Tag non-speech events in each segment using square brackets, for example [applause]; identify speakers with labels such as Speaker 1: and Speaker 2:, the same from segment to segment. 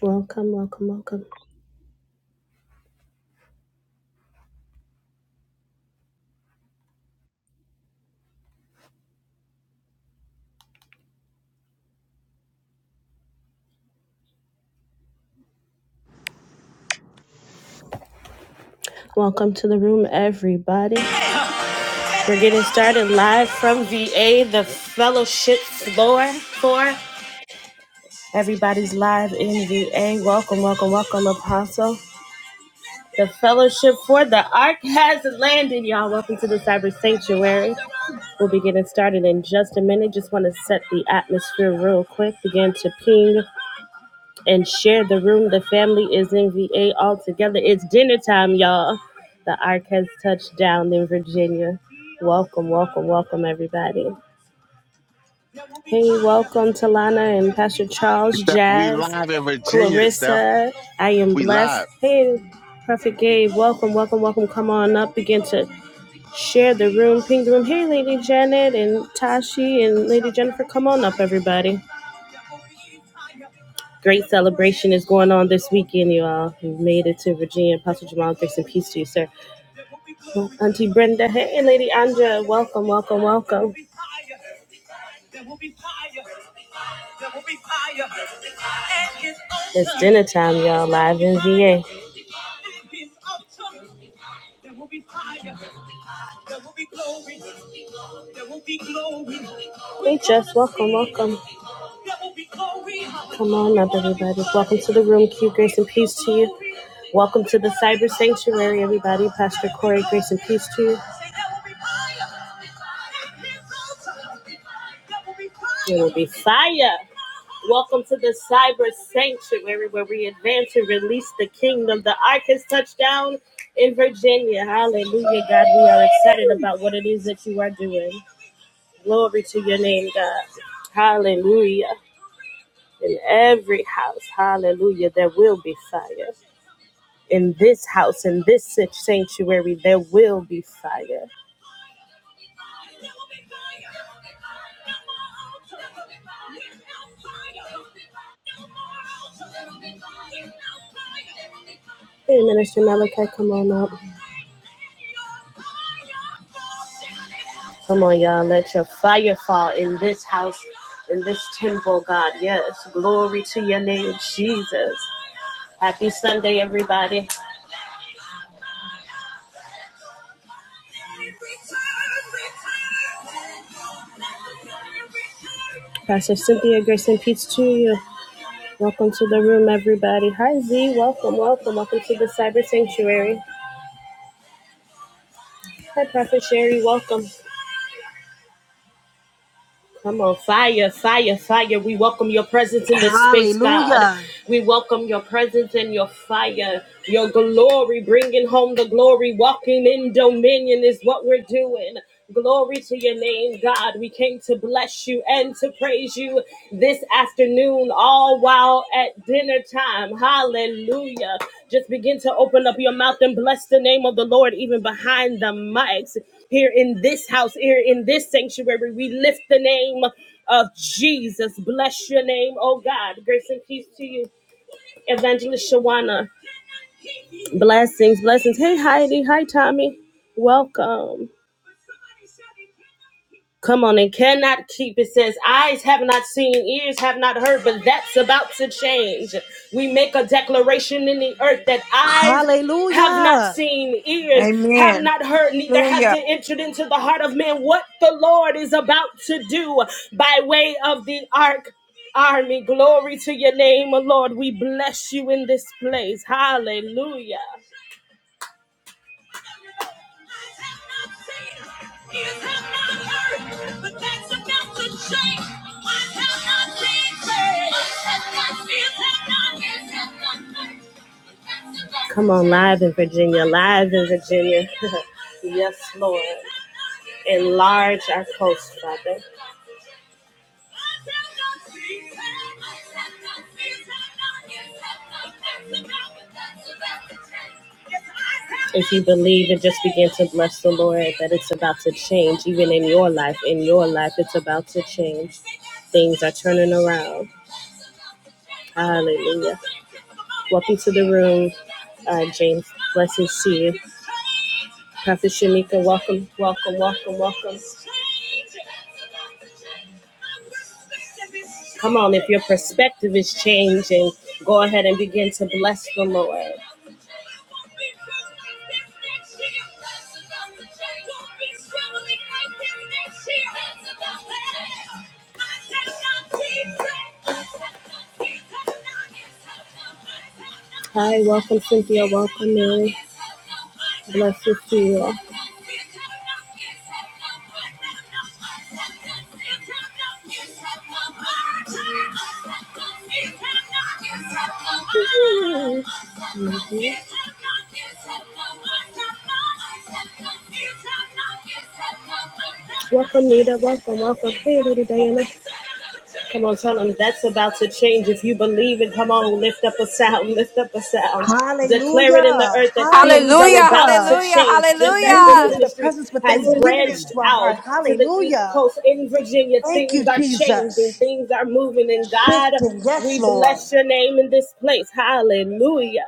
Speaker 1: Welcome, welcome, welcome. Welcome to the room, everybody. We're getting started live from VA, the fellowship floor for everybody's live in VA. Welcome, welcome, welcome, Apostle. The fellowship for the ark has landed, y'all. Welcome to the cyber sanctuary. We'll be getting started in just a minute. Just want to set the atmosphere real quick. Begin to ping. and share the room. The family is in VA all together. It's dinner time, y'all. The Ark has touched down in Virginia. Welcome, welcome, welcome, everybody. Hey, welcome to Lana and Pastor Charles,
Speaker 2: Steph, we
Speaker 1: Jazz,
Speaker 2: live in Virginia, Steph.
Speaker 1: Clarissa. I am
Speaker 2: We
Speaker 1: blessed.
Speaker 2: live.
Speaker 1: Hey, Prophet Gabe, welcome, welcome, welcome. Come on up. Begin to share the room, ping the room. Hey, Lady Janet and Tashi and Lady Jennifer, come on up, everybody. Great celebration is going on this weekend, you all. We made it to Virginia. Pastor Jamal, grace and peace to you, sir. Well, Auntie Brenda, hey, Lady Andrea, welcome, welcome, welcome. It's dinner time, y'all, live in VA. Hey, Jess, welcome, welcome. Come on up, everybody. Welcome to the room. Q, grace and peace to you. Welcome to the cyber sanctuary, everybody. Pastor Corey, grace and peace to you. It will be fire. Welcome to the cyber sanctuary where we advance and release the kingdom. The ark has touched down in Virginia. Hallelujah, God. We are excited about what it is that you are doing. Glory to your name, God. Hallelujah. In every house, hallelujah, there will be fire. In this house, in this such sanctuary, there will be fire. Hey, Minister Malachi, come on up. Come on, y'all. Let your fire fall in this house, in this temple, God. Yes. Glory to your name, Jesus. Happy Sunday, everybody. Pastor Cynthia, grace and peace to you. Welcome to the room, everybody. Hi, Z. Welcome, welcome, welcome to the Cyber Sanctuary. Hi, Prophet Sherry. Welcome. Come on, fire, fire, fire. We welcome your presence in this space, God.
Speaker 3: Hallelujah.
Speaker 1: We welcome your presence and your fire, your glory, bringing home the glory. Walking in dominion is what we're doing. Glory to your name, God. We came to bless you and to praise you this afternoon, all while at dinner time. Hallelujah. Just begin to open up your mouth and bless the name of the Lord, even behind the mics here in this house, here in this sanctuary. We lift the name of Jesus. Bless your name, oh God. Grace and peace to you, Evangelist Shawana. Blessings, blessings. Hey, Heidi. Hi, Tommy. Welcome. Come on, and cannot keep. It says, Eyes have not seen, ears have not heard, but that's about to change. We make a declaration in the earth that eyes have not
Speaker 3: Hallelujah.
Speaker 1: seen, ears have
Speaker 4: Amen.
Speaker 1: not heard, neither has
Speaker 4: Hallelujah.
Speaker 1: it entered into the heart of man what the Lord is about to do by way of the ark army. Glory to your name, O Lord. We bless you in this place. Hallelujah. Come on, live in Virginia, live in Virginia. [laughs] yes, Lord. Enlarge our coast, Father. If you believe and just begin to bless the Lord, that it's about to change, even in your life, in your life, it's about to change. Things are turning around. Hallelujah. Welcome to the room, uh, James. Blessings to you. Prophet Shamika, welcome, welcome, welcome, welcome. Come on, if your perspective is changing, go ahead and begin to bless the Lord. Hi, welcome Cynthia, welcome Mary. Bless you to you. all. Mm-hmm. Mhm. Welcome, Nita. Welcome, welcome. Hey, little Diana. Come on, tell them that's about to change. If you believe it, come on, lift up a sound, lift up a sound. Declare it in the
Speaker 3: Hallelujah.
Speaker 1: earth that things are
Speaker 5: Hallelujah,
Speaker 1: about
Speaker 3: Hallelujah.
Speaker 1: to
Speaker 5: hallelujah,
Speaker 1: change,
Speaker 3: We
Speaker 1: just as
Speaker 3: enter
Speaker 1: this
Speaker 5: hallelujah.
Speaker 6: Hallelujah.
Speaker 3: into the
Speaker 1: ministry
Speaker 3: presence with
Speaker 1: has
Speaker 6: Yes,
Speaker 3: thanksgiving
Speaker 1: branched
Speaker 6: God.
Speaker 3: into our
Speaker 1: out
Speaker 3: heart.
Speaker 1: to the East
Speaker 3: Hallelujah.
Speaker 1: Coast in Virginia.
Speaker 3: Thank you,
Speaker 1: Things are changing,
Speaker 3: Jesus.
Speaker 1: things are moving, and God,
Speaker 3: Shifting. Yes,
Speaker 1: we
Speaker 3: Lord.
Speaker 1: bless your name in this place. Hallelujah.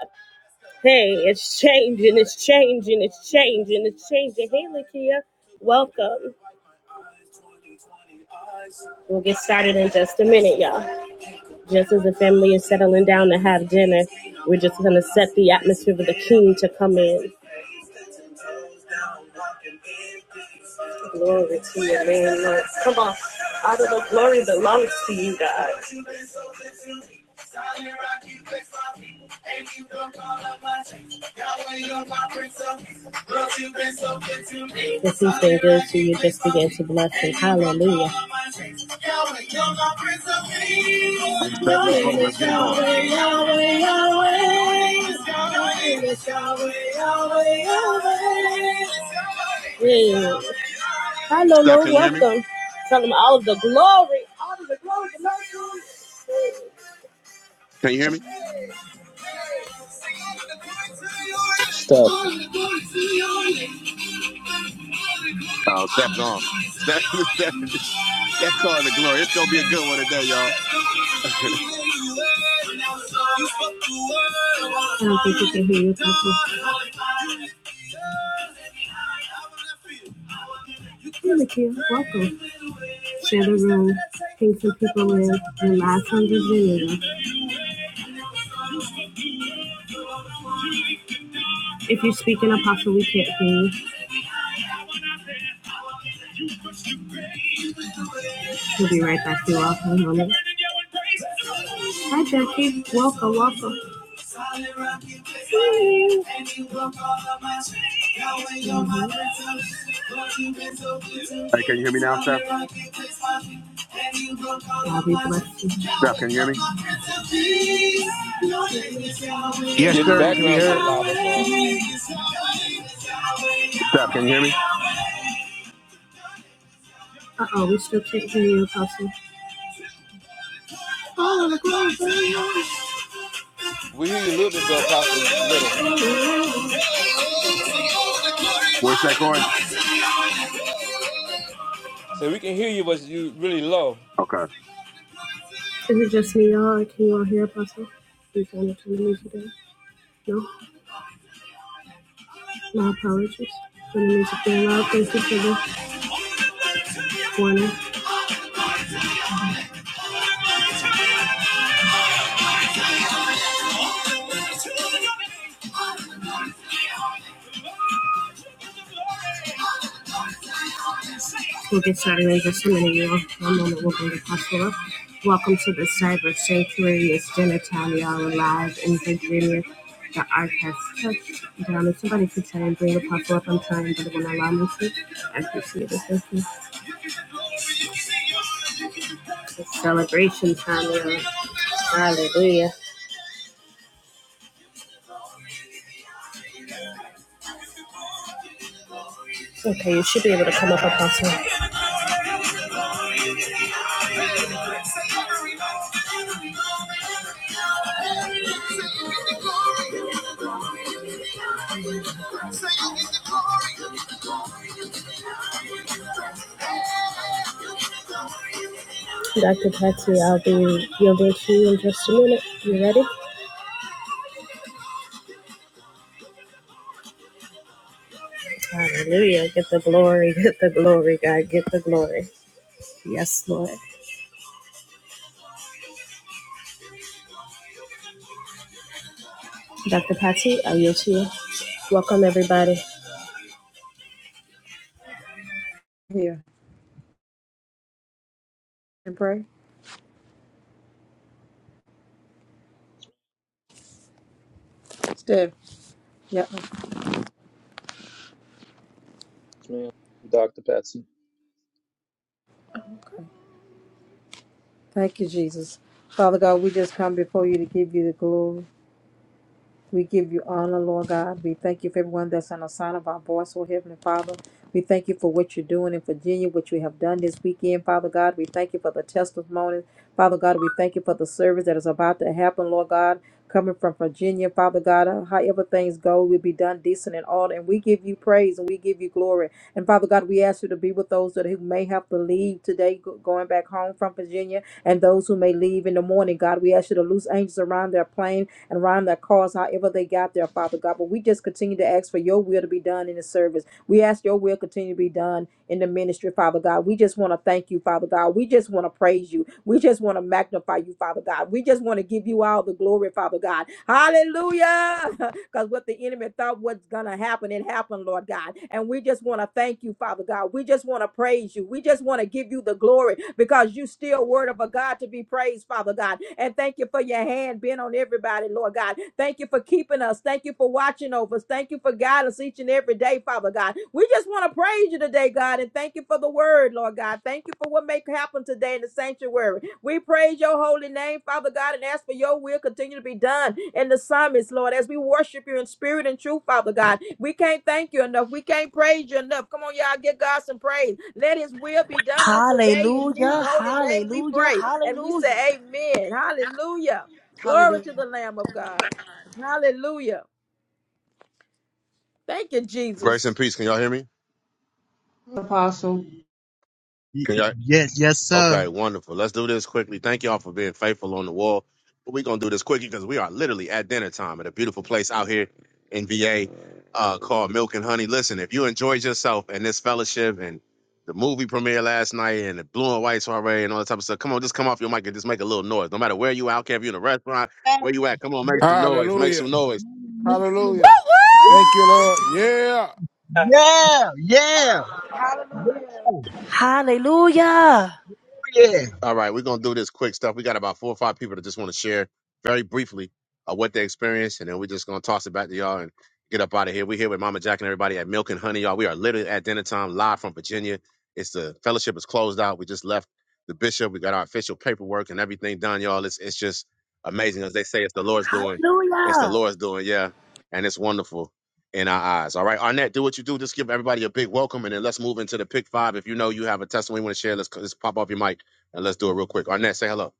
Speaker 1: Hey, it's changing, it's changing, it's changing, it's changing. Hey, Lakia, welcome. We'll get started in just a minute, y'all. Just as the family is settling down to have dinner, we're just going to set the atmosphere for the king to come in. Oh, All of the glory belongs to you, God. If he's been good to you, just begin to bless him. Hallelujah.
Speaker 2: Hey, Steph, let's run. Let's get it going.
Speaker 1: Hey. Hi,
Speaker 2: Steph,
Speaker 1: Lolo.
Speaker 2: can you hear me?
Speaker 1: Welcome. Tell them all of the glory.
Speaker 2: Can you hear me?
Speaker 7: Steph,
Speaker 2: Oh, Steph gone. Steph, [laughs] Steph, Steph calling the glory. It's going to be a good one today, y'all. Hey,
Speaker 1: I don't think you can hear you. Hey, Nikia. Welcome. Share the room. Ping some people in. And last hundred videos. If you speak in apostle, we can't hear you. We'll be right back to y'all. Hang on it. Hi, Jackie. Welcome, welcome. I'll
Speaker 2: can you hear me now, Steph?
Speaker 1: be
Speaker 2: Steph, can you hear me?
Speaker 8: Yes,
Speaker 9: Yeah, the
Speaker 8: sir. You can be
Speaker 9: background's a little
Speaker 8: heard.
Speaker 9: loud. That's all.
Speaker 6: Come on,
Speaker 1: blessed you. We'll
Speaker 2: Steph, can you hear me?
Speaker 9: We hear you a little bit though, Apostle, just a little.
Speaker 2: Where's that, Corey?
Speaker 9: So we can hear you, but you really low.
Speaker 2: Okay.
Speaker 1: get started in just a minute, y'all. One moment, we're going to possible. Welcome to the Cyber Sanctuary. It's dinner time, y'all. We're live in Virginia. The arc has touched down. If somebody could try and bring a puzzle up, I'm trying, but it won't allow me to. I appreciate it. Thank you. It's celebration time, y'all. Hallelujah. Okay, you should be able to come up, Apostle. Dr. Patsy, I'll be yielding to you in just a minute. You ready? Hallelujah. Get the glory. Get the glory, God. Get the glory. Yes, Lord. Dr. Patsy, I'll yield to you. Welcome, everybody.
Speaker 4: here and pray. Steph. Yeah.
Speaker 7: man. Dr. Patsy.
Speaker 4: Thank you, Jesus. Father God, we just come before you to give you the glory. We give you honor, Lord God. We thank you for everyone that's on the sound of our voice, oh Heavenly Father. We thank you for what you're doing in Virginia, what you have done this weekend, Father God. We thank you for the testimonies, Father God. We thank you for the service that is about to happen, Lord God. Coming from Virginia, Father God, Uh, however things go, will be done decent and all. And we give you praise and we give you glory. And Father God, we ask you to be with those that who may have to leave today, go- going back home from Virginia, and those who may leave in the morning. God, we ask you to loose angels around their plane and around their cars, however they got there, Father God. But we just continue to ask for your will to be done in the service. We ask your will continue to be done in the ministry, Father God. We just want to thank you, Father God. We just want to praise you. We just want to magnify you, Father God. We just want to give you all the glory, Father God. Hallelujah. [laughs] Because what the enemy thought was going to happen, it happened, Lord God. And we just want to thank you, Father God. We just want to praise you. We just want to give you the glory because you still word of a God to be praised, Father God. And thank you for your hand being on everybody, Lord God. Thank you for keeping us. Thank you for watching over us. Thank you for guidance each and every day, Father God. We just want to praise you today, God, and thank you for the word, Lord God. Thank you for what may happen today in the sanctuary. We praise your holy name, Father God, and ask for your will continue to be done in the summits, Lord, as we worship you in spirit and truth, Father God. We can't thank you enough. We can't praise you enough. Come on, y'all, give God some praise. Let his will be done on today. In Jesus'
Speaker 3: Hallelujah.
Speaker 4: holy name, we
Speaker 3: Hallelujah.
Speaker 4: pray. And we
Speaker 3: Hallelujah.
Speaker 4: say, Amen. Hallelujah. Glory to
Speaker 3: Hallelujah.
Speaker 4: the Lamb of God. Hallelujah. Thank you,
Speaker 2: Grace and
Speaker 4: Jesus.
Speaker 2: peace. Can y'all hear me?
Speaker 6: Apostle.
Speaker 10: Y-
Speaker 2: Can y'all
Speaker 10: Yes, yes, sir.
Speaker 2: Okay, wonderful. Let's do this quickly. Thank y'all for being faithful on the wall. But we're gonna do this quickly because we are literally at dinner time at a beautiful place out here in VA uh, called Milk and Honey. Listen, if you enjoyed yourself and this fellowship and the movie premiere last night and the blue and white soiree and all that type of stuff, come on, just come off your mic and just make a little noise. No matter where you out, care if you're in a restaurant, where you at, come on, make some noise, make
Speaker 8: Hallelujah.
Speaker 2: some noise.
Speaker 5: Woo,
Speaker 8: Hallelujah.
Speaker 10: Yeah,
Speaker 8: Thank you,
Speaker 5: woo.
Speaker 8: Lord. Yeah.
Speaker 10: yeah, yeah, yeah.
Speaker 3: Hallelujah.
Speaker 2: All right, we're gonna do this quick stuff. We got about four or five people that just want to share very briefly uh, what they experienced, and then we're just gonna toss it back to y'all and get up out of here. We're here with Mama Jack and everybody at Milk and Honey, y'all. We are literally at dinner time, live from Virginia. It's the fellowship is closed out. We just left the bishop. We got our official paperwork and everything done, y'all. It's it's just amazing, as they say, it's the Lord's doing. It's the
Speaker 3: Hallelujah.
Speaker 2: Lord's doing, yeah, and it's wonderful in our eyes. All right, Arnett, do what you do. Just give everybody a big welcome, and then let's move into the pick five. If you know you have a testimony you want to share, let's, let's pop off your mic. And let's do it real quick. Arnett, say hello.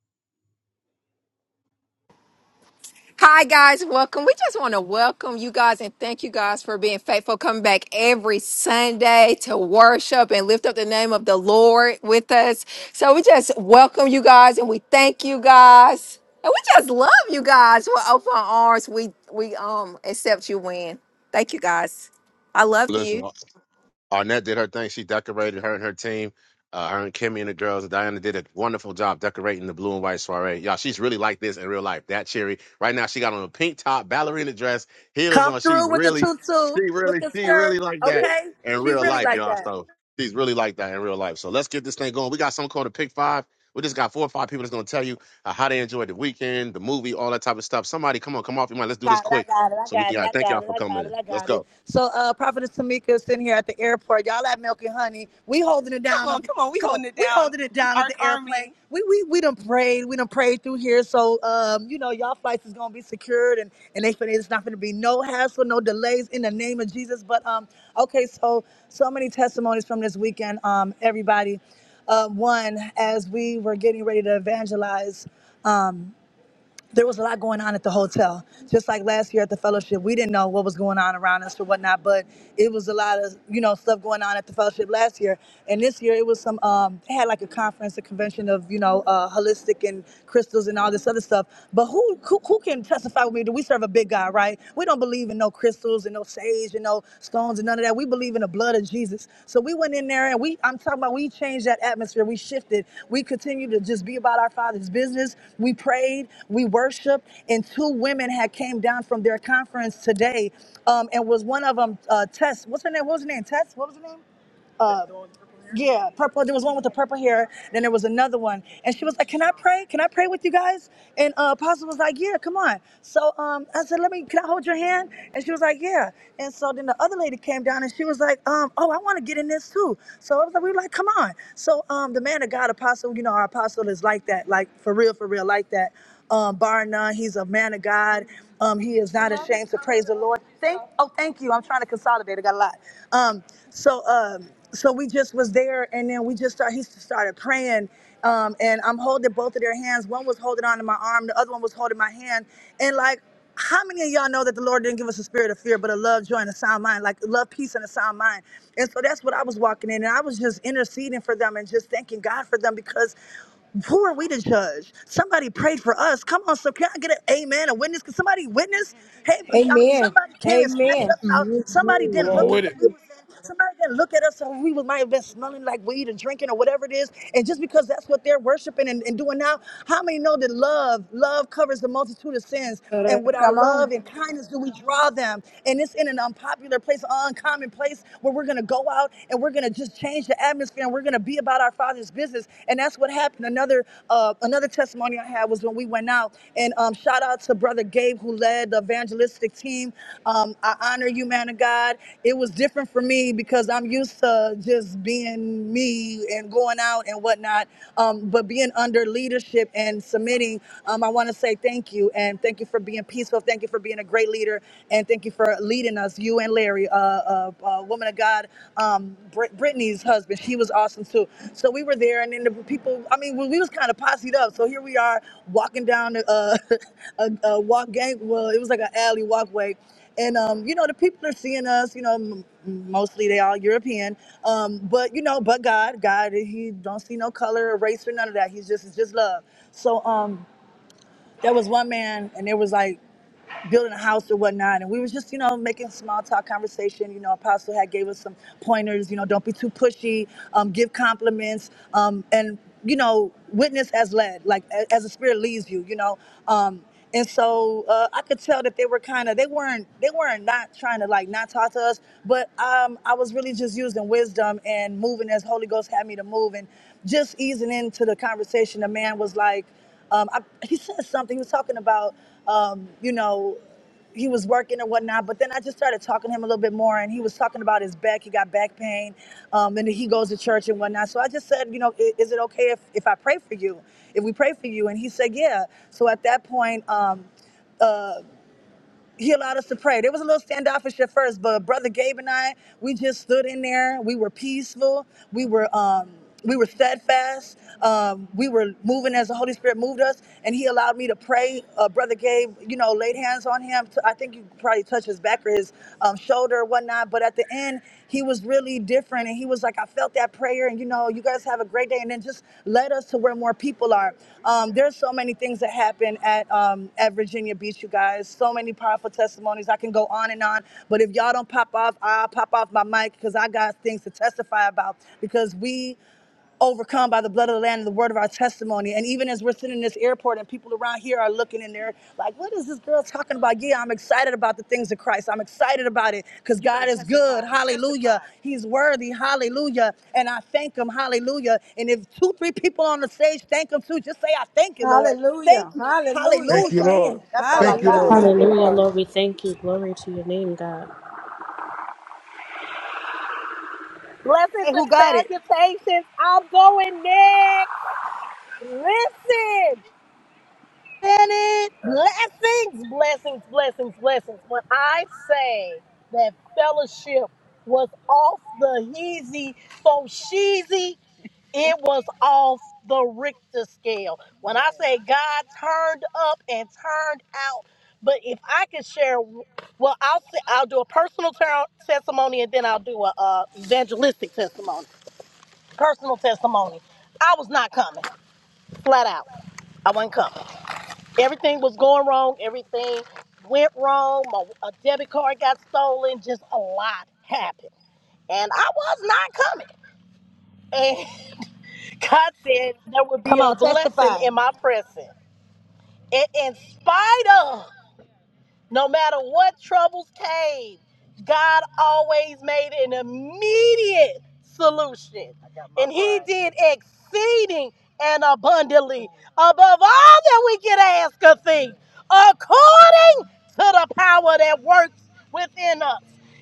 Speaker 5: Hi guys, welcome. We just want to welcome you guys and thank you guys for being faithful, coming back every Sunday to worship and lift up the name of the Lord with us. So we just welcome you guys and we thank you guys. And we just love you guys. We're open arms. We we um accept you win. Thank you guys. I love
Speaker 2: Listen,
Speaker 5: you.
Speaker 2: Arnett did her thing. She decorated her and her team. Uh, her and Kimmy and the girls, Diana did a wonderful job decorating the blue and white soiree. Y'all, she's really like this in real life. That cherry. Right now, she got on a pink top, ballerina dress, heels
Speaker 3: Come
Speaker 2: on. She
Speaker 3: through with the
Speaker 2: really,
Speaker 3: tutu,
Speaker 2: she
Speaker 3: with
Speaker 2: really,
Speaker 3: the
Speaker 2: she
Speaker 3: skirt.
Speaker 2: really like that
Speaker 3: Okay?
Speaker 2: in
Speaker 3: She
Speaker 2: real
Speaker 3: really
Speaker 2: life,
Speaker 3: like
Speaker 2: y'all.
Speaker 3: that.
Speaker 2: So she's really like that in real life. So let's get this thing going. We got something called a pick five. We just got four or five people that's gonna tell you uh, how they enjoyed the weekend, the movie, all that type of stuff. Somebody, come on, come off your mind. Let's do this
Speaker 3: Got it, I
Speaker 2: quick
Speaker 3: got it, I
Speaker 2: so we
Speaker 3: got
Speaker 2: can.
Speaker 3: it,
Speaker 2: all right,
Speaker 3: I
Speaker 2: thank
Speaker 3: got
Speaker 2: y'all
Speaker 3: it,
Speaker 2: for
Speaker 3: I
Speaker 2: coming
Speaker 3: got it,
Speaker 2: in.
Speaker 3: I
Speaker 2: Let's
Speaker 3: got it.
Speaker 2: go.
Speaker 3: So uh Prophetess Tamika is sitting here at the airport. Y'all at Milk and Honey. We holding it down Come on come on. We holding it down. we holding it down at Our the airplane. army. airplane. We we we done prayed, we done prayed through here. So um, you know, y'all flights is gonna be secured and, and they finna it's not gonna be no hassle, no delays in the name of Jesus. But um, okay, so so many testimonies from this weekend, um, everybody. Uh, one, as we were getting ready to evangelize. um, there was a lot going on at the hotel. Just like last year at the fellowship, we didn't know what was going on around us or whatnot, but it was a lot of you know stuff going on at the fellowship last year. And this year it was some um, they had like a conference, a convention of you know uh, holistic and crystals and all this other stuff. But who who, who can testify with me? Do we serve a big God, right? We don't believe in no crystals and no sage and no stones and none of that. We believe in the blood of Jesus. So we went in there and we, I'm talking about, we changed that atmosphere. We shifted. We continued to just be about our Father's business. We prayed, we worshiped, and two women had came down from their conference today, um, and was one of them uh, Tess. What's her name? What was her name? Tess. What was her name? Uh, yeah, purple. There was one with the purple hair. Then there was another one, and she was like, "Can I pray? Can I pray with you guys?" And uh, Apostle was like, "Yeah, come on." So um, I said, "Let me. Can I hold your hand?" And she was like, "Yeah." And so then the other lady came down, and she was like, um, "Oh, I want to get in this too." So I was like, "We were like, come on." So um, the man of God, Apostle, you know, our Apostle is like that, like for real, for real, like that. Um, bar none, he's a man of God. Um, he is not ashamed to praise the Lord. Thank oh thank you. I'm trying to consolidate. I got a lot. Um so um so we just was there and then we just started he started praying. Um and I'm holding both of their hands. One was holding on to my arm, the other one was holding my hand. And like how many of y'all know that the Lord didn't give us a spirit of fear, but a love, joy, and a sound mind, like love, peace, and a sound mind? And so that's what I was walking in, and I was just interceding for them and just thanking God for them because who are we to judge? Somebody prayed for us. Come on, so can I get an amen, a witness? Can somebody witness? Hey, I mean,
Speaker 4: Amen.
Speaker 3: somebody came and snatched
Speaker 4: Amen.
Speaker 3: us out. Somebody
Speaker 8: Come
Speaker 3: didn't
Speaker 8: on
Speaker 3: look at
Speaker 8: with
Speaker 3: what
Speaker 8: it.
Speaker 3: we was in. Somebody didn't look at us, so we was- might have been smelling like weed and drinking or whatever it is. And just because that's what they're worshiping and, and doing now, how many know that love, love covers the multitude of sins? And with our
Speaker 4: Come
Speaker 3: love
Speaker 4: on.
Speaker 3: and kindness, do we draw them? And it's in an unpopular place, an uncommon place where we're gonna go out and we're going to just change the atmosphere and we're going to be about our father's business and that's what happened another uh, another testimony i had was when we went out and um, shout out to brother gabe who led the evangelistic team um, i honor you man of god it was different for me because i'm used to just being me and going out and whatnot um, but being under leadership and submitting um, i want to say thank you and thank you for being peaceful thank you for being a great leader and thank you for leading us. You and Larry, uh, uh, uh woman of God, um, Brit- Brittany's husband, she was awesome too. So we were there, and then the people. I mean, we, we was kind of posseed up. So here we are walking down uh, [laughs] a, a walk gang. Well, it was like an alley walkway, and um, you know the people are seeing us. You know, m- mostly they all European, um, but you know, but God, God, He don't see no color or race or none of that. He's just, it's just love. So um, there was one man, and there was like building a house or whatnot. And we was just, you know, making small talk conversation. You know, Apostle had gave us some pointers, you know, don't be too pushy, um, give compliments, um, and, you know, witness as led, like a- as the spirit leads you, you know. Um, and so uh, I could tell that they were kind of they weren't they weren't not trying to like not talk to us, but um, I was really just using wisdom and moving as Holy Ghost had me to move, and just easing into the conversation. The man was like, um, I, [laughs] he said something. He was talking about, um, you know, he was working or whatnot. But then I just started talking to him a little bit more, and he was talking about his back. He got back pain, um, and he goes to church and whatnot. So I just said, you know, "I- is it okay if, if I pray for you? If we pray for you? And he said, yeah. So at that point, um, uh, he allowed us to pray. There was a little standoffish at first, but Brother Gabe and I, we just stood in there. We were peaceful. We were um, we were steadfast. Um, we were moving as the Holy Spirit moved us, and He allowed me to pray. Uh, Brother Gabe, you know, laid hands on him. To, I think you probably touched his back or his um, shoulder or whatnot. But at the end, he was really different. And he was like, I felt that prayer. And, you know, you guys have a great day. And then just led us to where more people are. Um, there's so many things that happen at, um, at Virginia Beach, you guys. So many powerful testimonies. I can go on and on. But if y'all don't pop off, I'll pop off my mic because I got things to testify about because we overcome by the blood of the land and the word of our testimony. And even as we're sitting in this airport and people around here are looking in there like, what is this girl talking about? Yeah, I'm excited about the things of Christ. I'm excited about it because God is good. Hallelujah. He's worthy. Hallelujah. And I thank him. Hallelujah. And if two, three people on the stage thank him too, just say, I thank you, Lord.
Speaker 4: Hallelujah.
Speaker 3: Thank you.
Speaker 4: Hallelujah.
Speaker 8: Thank you,
Speaker 3: Hallelujah.
Speaker 8: Lord.
Speaker 4: Amen.
Speaker 3: That's all I
Speaker 8: Thank you,
Speaker 3: got.
Speaker 8: Lord.
Speaker 11: Thank
Speaker 4: Hallelujah.
Speaker 11: you,
Speaker 1: Hallelujah,
Speaker 11: Lord.
Speaker 1: Lord. We thank you. Glory to your name, God.
Speaker 12: Blessings
Speaker 3: Hey,
Speaker 12: and
Speaker 3: who got it?
Speaker 12: salutations. I'm going next. Listen.
Speaker 3: Stand it.
Speaker 12: Blessings, blessings, blessings, blessings. When I say that fellowship was off the heezy for sheezy, it was off the Richter scale. When I say God turned up and turned out, but if I could share, well, I'll say, I'll do a personal ter- testimony and then I'll do a uh, evangelistic testimony. personal testimony. I was not coming, flat out. I wasn't coming. Everything was going wrong. Everything went wrong. My a debit card got stolen. Just a lot happened, and I was not coming. And [laughs] God said there would be
Speaker 3: Come
Speaker 12: a
Speaker 3: on,
Speaker 12: blessing
Speaker 3: testify.
Speaker 12: in my presence. And in spite of. No matter what troubles came, God always made an immediate solution. And He did exceeding and abundantly above all that we could ask or think, according to the power that works within us.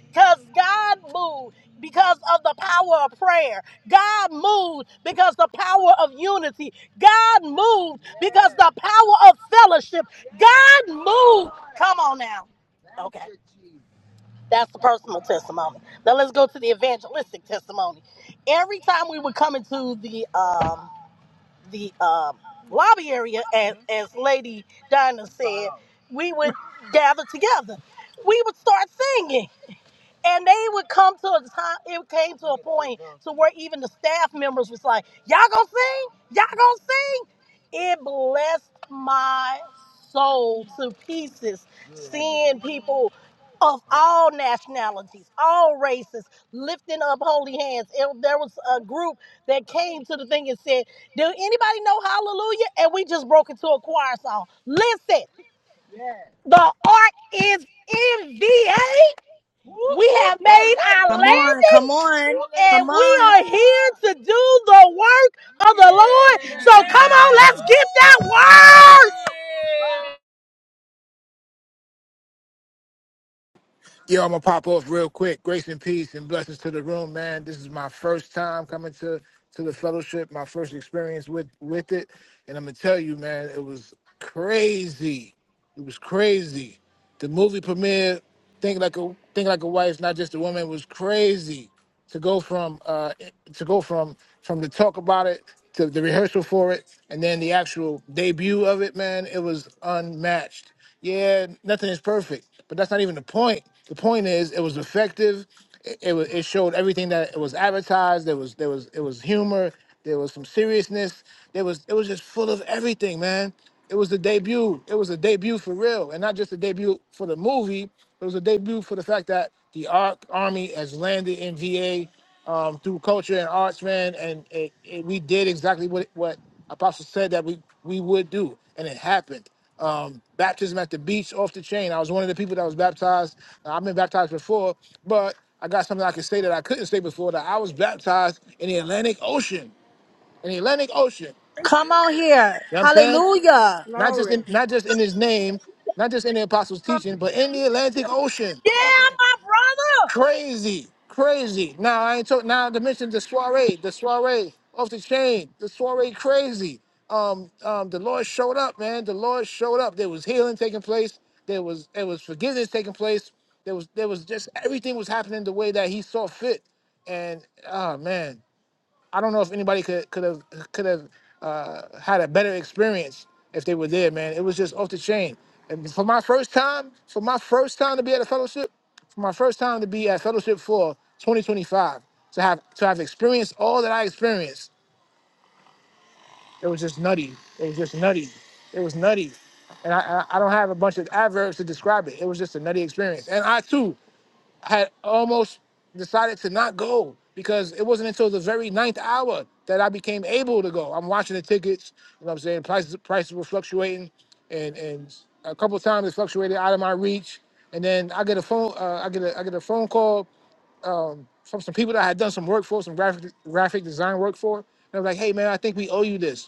Speaker 12: Because God moved because of the power of prayer. God moved because the power of unity. God moved because the power of fellowship. God moved. Come on now. Okay. That's the personal testimony. Now let's go to the evangelistic testimony. Every time we would come into the um the um lobby area as as Lady Dinah said, we would gather together. We would start singing. And they would come to a time, it came to a point to where even the staff members was like, y'all gonna sing? Y'all gonna sing? It blessed my soul to pieces seeing people of all nationalities, all races, lifting up holy hands. It- there was a group that came to the thing and said, do anybody know hallelujah? And we just broke into a choir song. Listen, the art is in VA. We have made our
Speaker 3: Come on,
Speaker 12: landing
Speaker 3: come on,
Speaker 12: and
Speaker 3: come
Speaker 12: we
Speaker 3: on,
Speaker 12: are here to do the work of the Lord. So come on, let's get that word.
Speaker 8: Yeah, I'm gonna pop off real quick. Grace and peace and blessings to the room, man. This is my first time coming to to the fellowship, my first experience with with it. And I'm gonna tell you, man, it was crazy. It was crazy. The movie premiere, think like a think like a wife, not just a woman, was crazy. to go from uh to go from from the talk about it to the rehearsal for it and then the actual debut of it man it was unmatched yeah nothing is perfect but that's not even the point the point is it was effective it, it was it showed everything that it was advertised there was there was it was humor there was some seriousness. There was it was just full of everything, man. It was the debut. It was a debut for real, and not just a debut for the movie. It was a debut for the fact that the ARC Army has landed in VA um, through culture and arts, man. And it, it, we did exactly what what Apostle said that we we would do, and it happened. Um, baptism at the beach, off the chain. I was one of the people that was baptized. Now, I've been baptized before, but I got something I could say that I couldn't say before that I was baptized in the Atlantic Ocean in the Atlantic Ocean. You know
Speaker 3: come on here.
Speaker 8: what I'm saying?
Speaker 3: Hallelujah.
Speaker 8: Not just in
Speaker 4: Glory.
Speaker 8: not just in his name, not just in the apostles' teaching, but in the Atlantic Ocean.
Speaker 12: Yeah, my brother.
Speaker 8: Crazy. Crazy. Now I ain't talking now to mention the soiree, the soiree off the chain, the soiree crazy. Um, um, the Lord showed up, man. The Lord showed up. There was healing taking place. There was there was forgiveness taking place. There was there was just everything was happening the way that He saw fit. And oh man, I don't know if anybody could could have could have uh, had a better experience if they were there, man. It was just off the chain. And for my first time, for my first time to be at a fellowship, for my first time to be at fellowship for 2025, to have to have experienced all that I experienced, it was just nutty. It was just nutty. It was nutty. And I, I I don't have a bunch of adverbs to describe it. It was just a nutty experience. And I too I had almost decided to not go because it wasn't until the very ninth hour that I became able to go. I'm watching the tickets, you know what I'm saying? Prices prices were fluctuating and and a couple of times it fluctuated out of my reach. And then I get a phone uh, I get a I get a phone call from some people that I had done some work for, some graphic graphic design work for. And I was like, hey man, I think we owe you this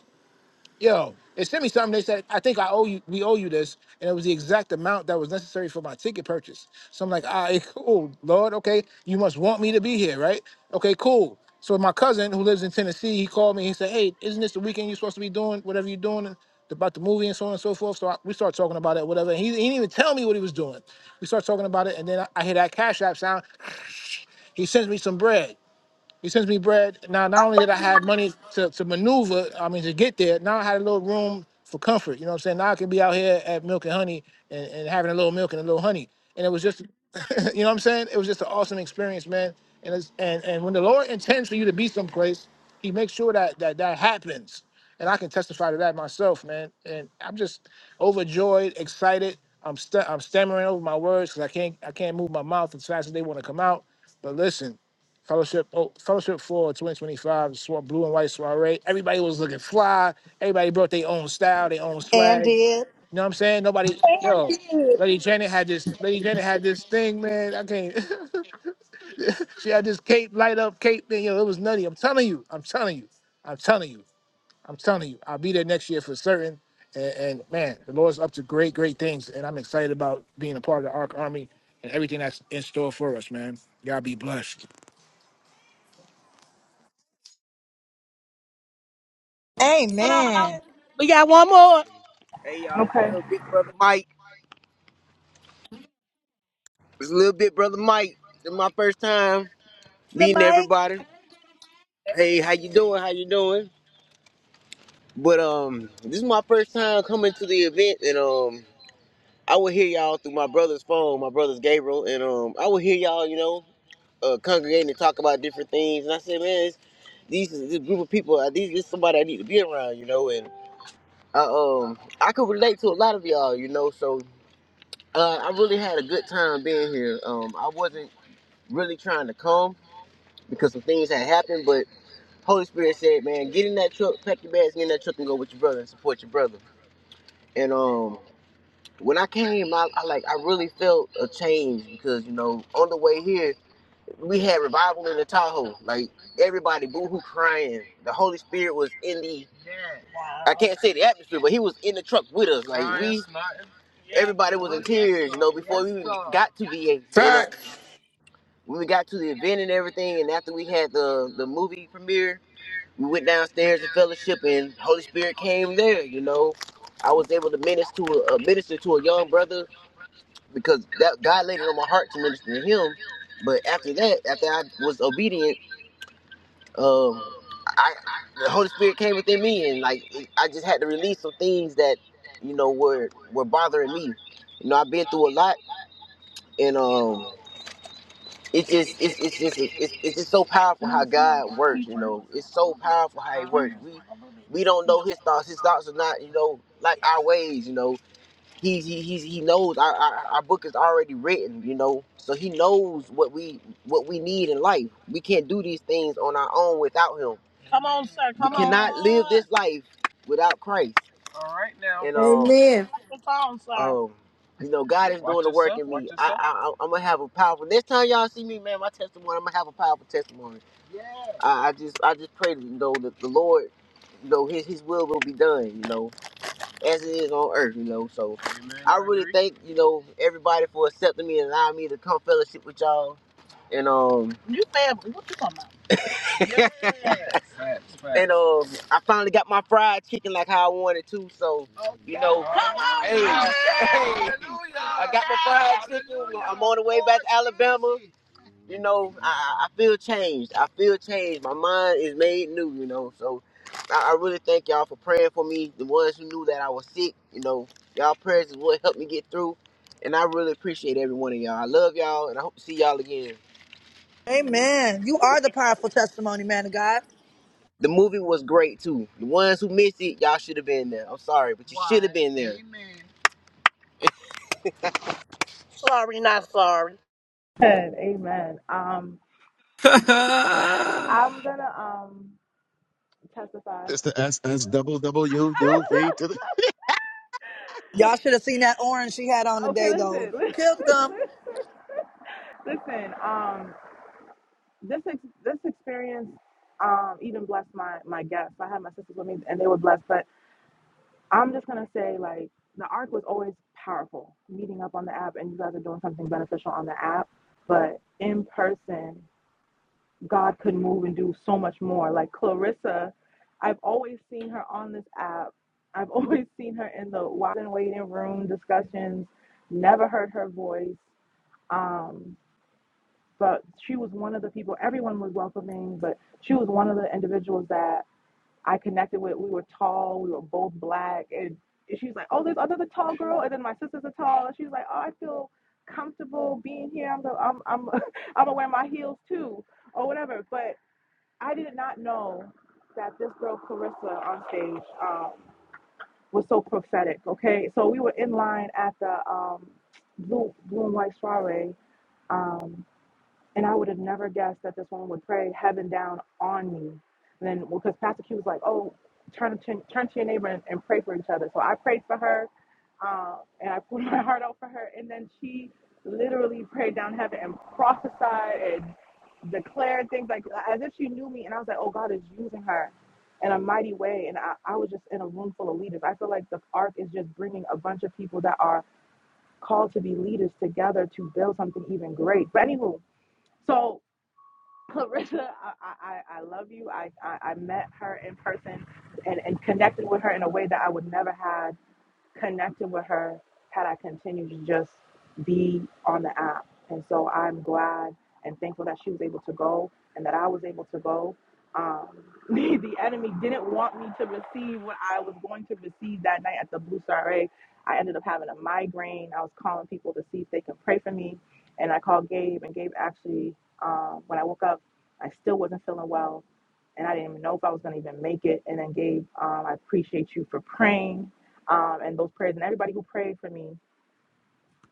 Speaker 8: yo, they sent me something. They said, I think I owe you, we owe you this. And it was the exact amount that was necessary for my ticket purchase. So I'm like, all right, [laughs] cool, Lord, okay, you must want me to be here, right? Okay, cool. So my cousin who lives in Tennessee, he called me. He said, hey, isn't this the weekend you're supposed to be doing, whatever you're doing? About the movie and so on and so forth. So I, we start talking about it, whatever. And he, he didn't even tell me what he was doing. We start talking about it, and then I, I hear that Cash App sound. [laughs] [sniffs] He sends me some bread. He sends me bread. Now, not only did I have money to, to maneuver, I mean, to get there, now I had a little room for comfort. You know what I'm saying? Now I can be out here at Milk and Honey and, and having a little milk and a little honey. And it was just, [laughs] you know what I'm saying? It was just an awesome experience, man. And, it's, and and when the Lord intends for you to be someplace, He makes sure that that, that happens. And I can testify to that myself, man. And I'm just overjoyed, excited. I'm st- I'm stammering over my words because I can't I can't move my mouth as fast as they want to come out. But listen, Fellowship, oh, Fellowship for 2025, swa- blue and white soiree. Everybody was looking fly. Everybody brought their own style, their own
Speaker 3: and
Speaker 8: swag. You
Speaker 3: did.
Speaker 8: know what I'm saying? Nobody, yo, Lady Janet had this, Lady Janet had this thing, man. I can't, [laughs] she had this cape, light up cape thing. Yo, it was nutty. I'm telling you, I'm telling you, I'm telling you, I'm telling you. I'll be there next year for certain. And, and man, the Lord's up to great, great things. And I'm excited about being a part of the Ark Army and everything that's in store for us, man. Y'all be blessed.
Speaker 3: Amen.
Speaker 12: We got one more. Hey y'all, it's
Speaker 11: Okay.
Speaker 12: little big brother Mike. It's little big brother Mike. This my first time
Speaker 3: The
Speaker 12: meeting
Speaker 3: mic.
Speaker 12: everybody. Hey, how you doing? How you doing? But um, this is my first time coming to the event, and um, I would hear y'all through my brother's phone. My brother's Gabriel, and um, I would hear y'all, you know. uh, congregating to talk about different things. And I said, man, it's, these this group of people. uh, These this somebody I need to be around, you know. And I um I could relate to a lot of y'all, you know. So uh, I really had a good time being here. Um, I wasn't really trying to come because some things had happened, but Holy Spirit said, man, get in that truck, pack your bags, get in that truck, and go with your brother and support your brother. And um. When I came, I, I like I really felt a change because you know on the way here we had revival in the Tahoe. Like everybody boohoo crying. The Holy Spirit was in the I can't say the atmosphere, but he was in the truck with us. Like we everybody was in tears, you know, before we got to VA, you know. When we got to the event and everything and after we had the the movie premiere, we went downstairs to fellowship and Holy Spirit came there, you know. I was able to minister to a, a minister to a young brother because that God laid it on my heart to minister to him. But after that, after I was obedient um, I I the Holy Spirit came within me, and like I just had to release some things that you know were were bothering me. You know, I've been through a lot, and um, it's just it's it's just it's, it's just so powerful how God works. You know, it's so powerful how He works. We we don't know His thoughts. His thoughts are not you know like our ways. You know, he he he's, he knows our, our our book is already written, you know. So he knows what we what we need in life. We can't do these things on our own without him. Come on, sir. Come We on. cannot live this life without Christ. And um
Speaker 4: Amen.
Speaker 12: Come on, sir. um you know God. I, I, I'm gonna have a powerful. Next time y'all see me, man, my testimony. I'm gonna have a powerful testimony. I, I just, I just pray, you know, that the Lord, you know, His His will will be done, you know, as it is on earth, you know. so. thank you know everybody for accepting me and allowing me to come fellowship with y'all. And um, you family, what you talking about? And um, I finally got my fried chicken like how I wanted to. So you know, I, I feel changed. I feel changed. My mind is made new, you know. So I, I really thank y'all for praying for me. The ones who knew that I was sick, you know, y'all prayers is what helped me get through. And I really appreciate every one of y'all. I love y'all, and I hope to see y'all again.
Speaker 3: And You are the powerful testimony, man of God.
Speaker 12: The movie was great too. The ones who missed it, y'all should have been there. I'm sorry, but Sorry, not sorry.
Speaker 11: Good. Amen. Um,
Speaker 13: Ha [laughs] ha!
Speaker 11: I'm gonna um testify.
Speaker 2: It's the S S double W U V to the.
Speaker 11: [laughs]
Speaker 3: Y'all should have seen that orange she had on
Speaker 11: okay,
Speaker 3: today, though.
Speaker 11: listen,
Speaker 3: Um,
Speaker 11: [laughs] listen. Um, this ex- this experience um even blessed my my guests. I had my sisters with me, and they were blessed. But I'm just gonna say, like, the arc was always powerful. Meeting up on the app, and you guys are doing something beneficial on the app, but in person. God could move and do so much more. Like Clarissa, I've always seen her on this app. I've [laughs] always seen her in the watch and waiting room discussions. Never heard her voice. Um, but she was one of the people. Everyone was welcoming, but she was one of the individuals that I connected with. We were tall. We were both black, and she's like, "Oh, there's another tall girl," and then my sister's a tall. And she's like, "Oh, I feel comfortable being here. I'm the, I'm I'm [laughs] I'm gonna wear my heels too, or whatever." But I did not know that this girl Clarissa on stage um, was so prophetic. Okay, so we were in line at the um, Blue Blue and White Soiree. um, and I would have never guessed that this woman would pray heaven down on me. And then, because Pastor Q was like, oh, turn to, turn to your neighbor and, and pray for each other. So I prayed for her uh, and I put [laughs] my heart out for her. And then she literally prayed down heaven and prophesied and declared things like as if she knew me. And I was like, oh, God is using her in a mighty way. And I, I was just in a room full of leaders. I feel like the ark is just bringing a bunch of people that are called to be leaders together to build something even great. But anywho, so [laughs] Larissa, I, I, I love you. I, I, I met her in person and, and connected with her in a way that I would never had connected with her had I continued to just be on the app. And so I'm glad and thankful that she was able to go and that I was able to go. Um, [laughs] the enemy didn't want me to receive what I was going to receive that night at the Blue Star A. I ended up having a migraine. I was calling people to see if they could pray for me. And I called Gabe, and Gabe actually, um, when I woke up, I still wasn't feeling well and I didn't even know if I was going to even make it. And then Gabe, um, I appreciate you for praying um, and those prayers and everybody who prayed for me.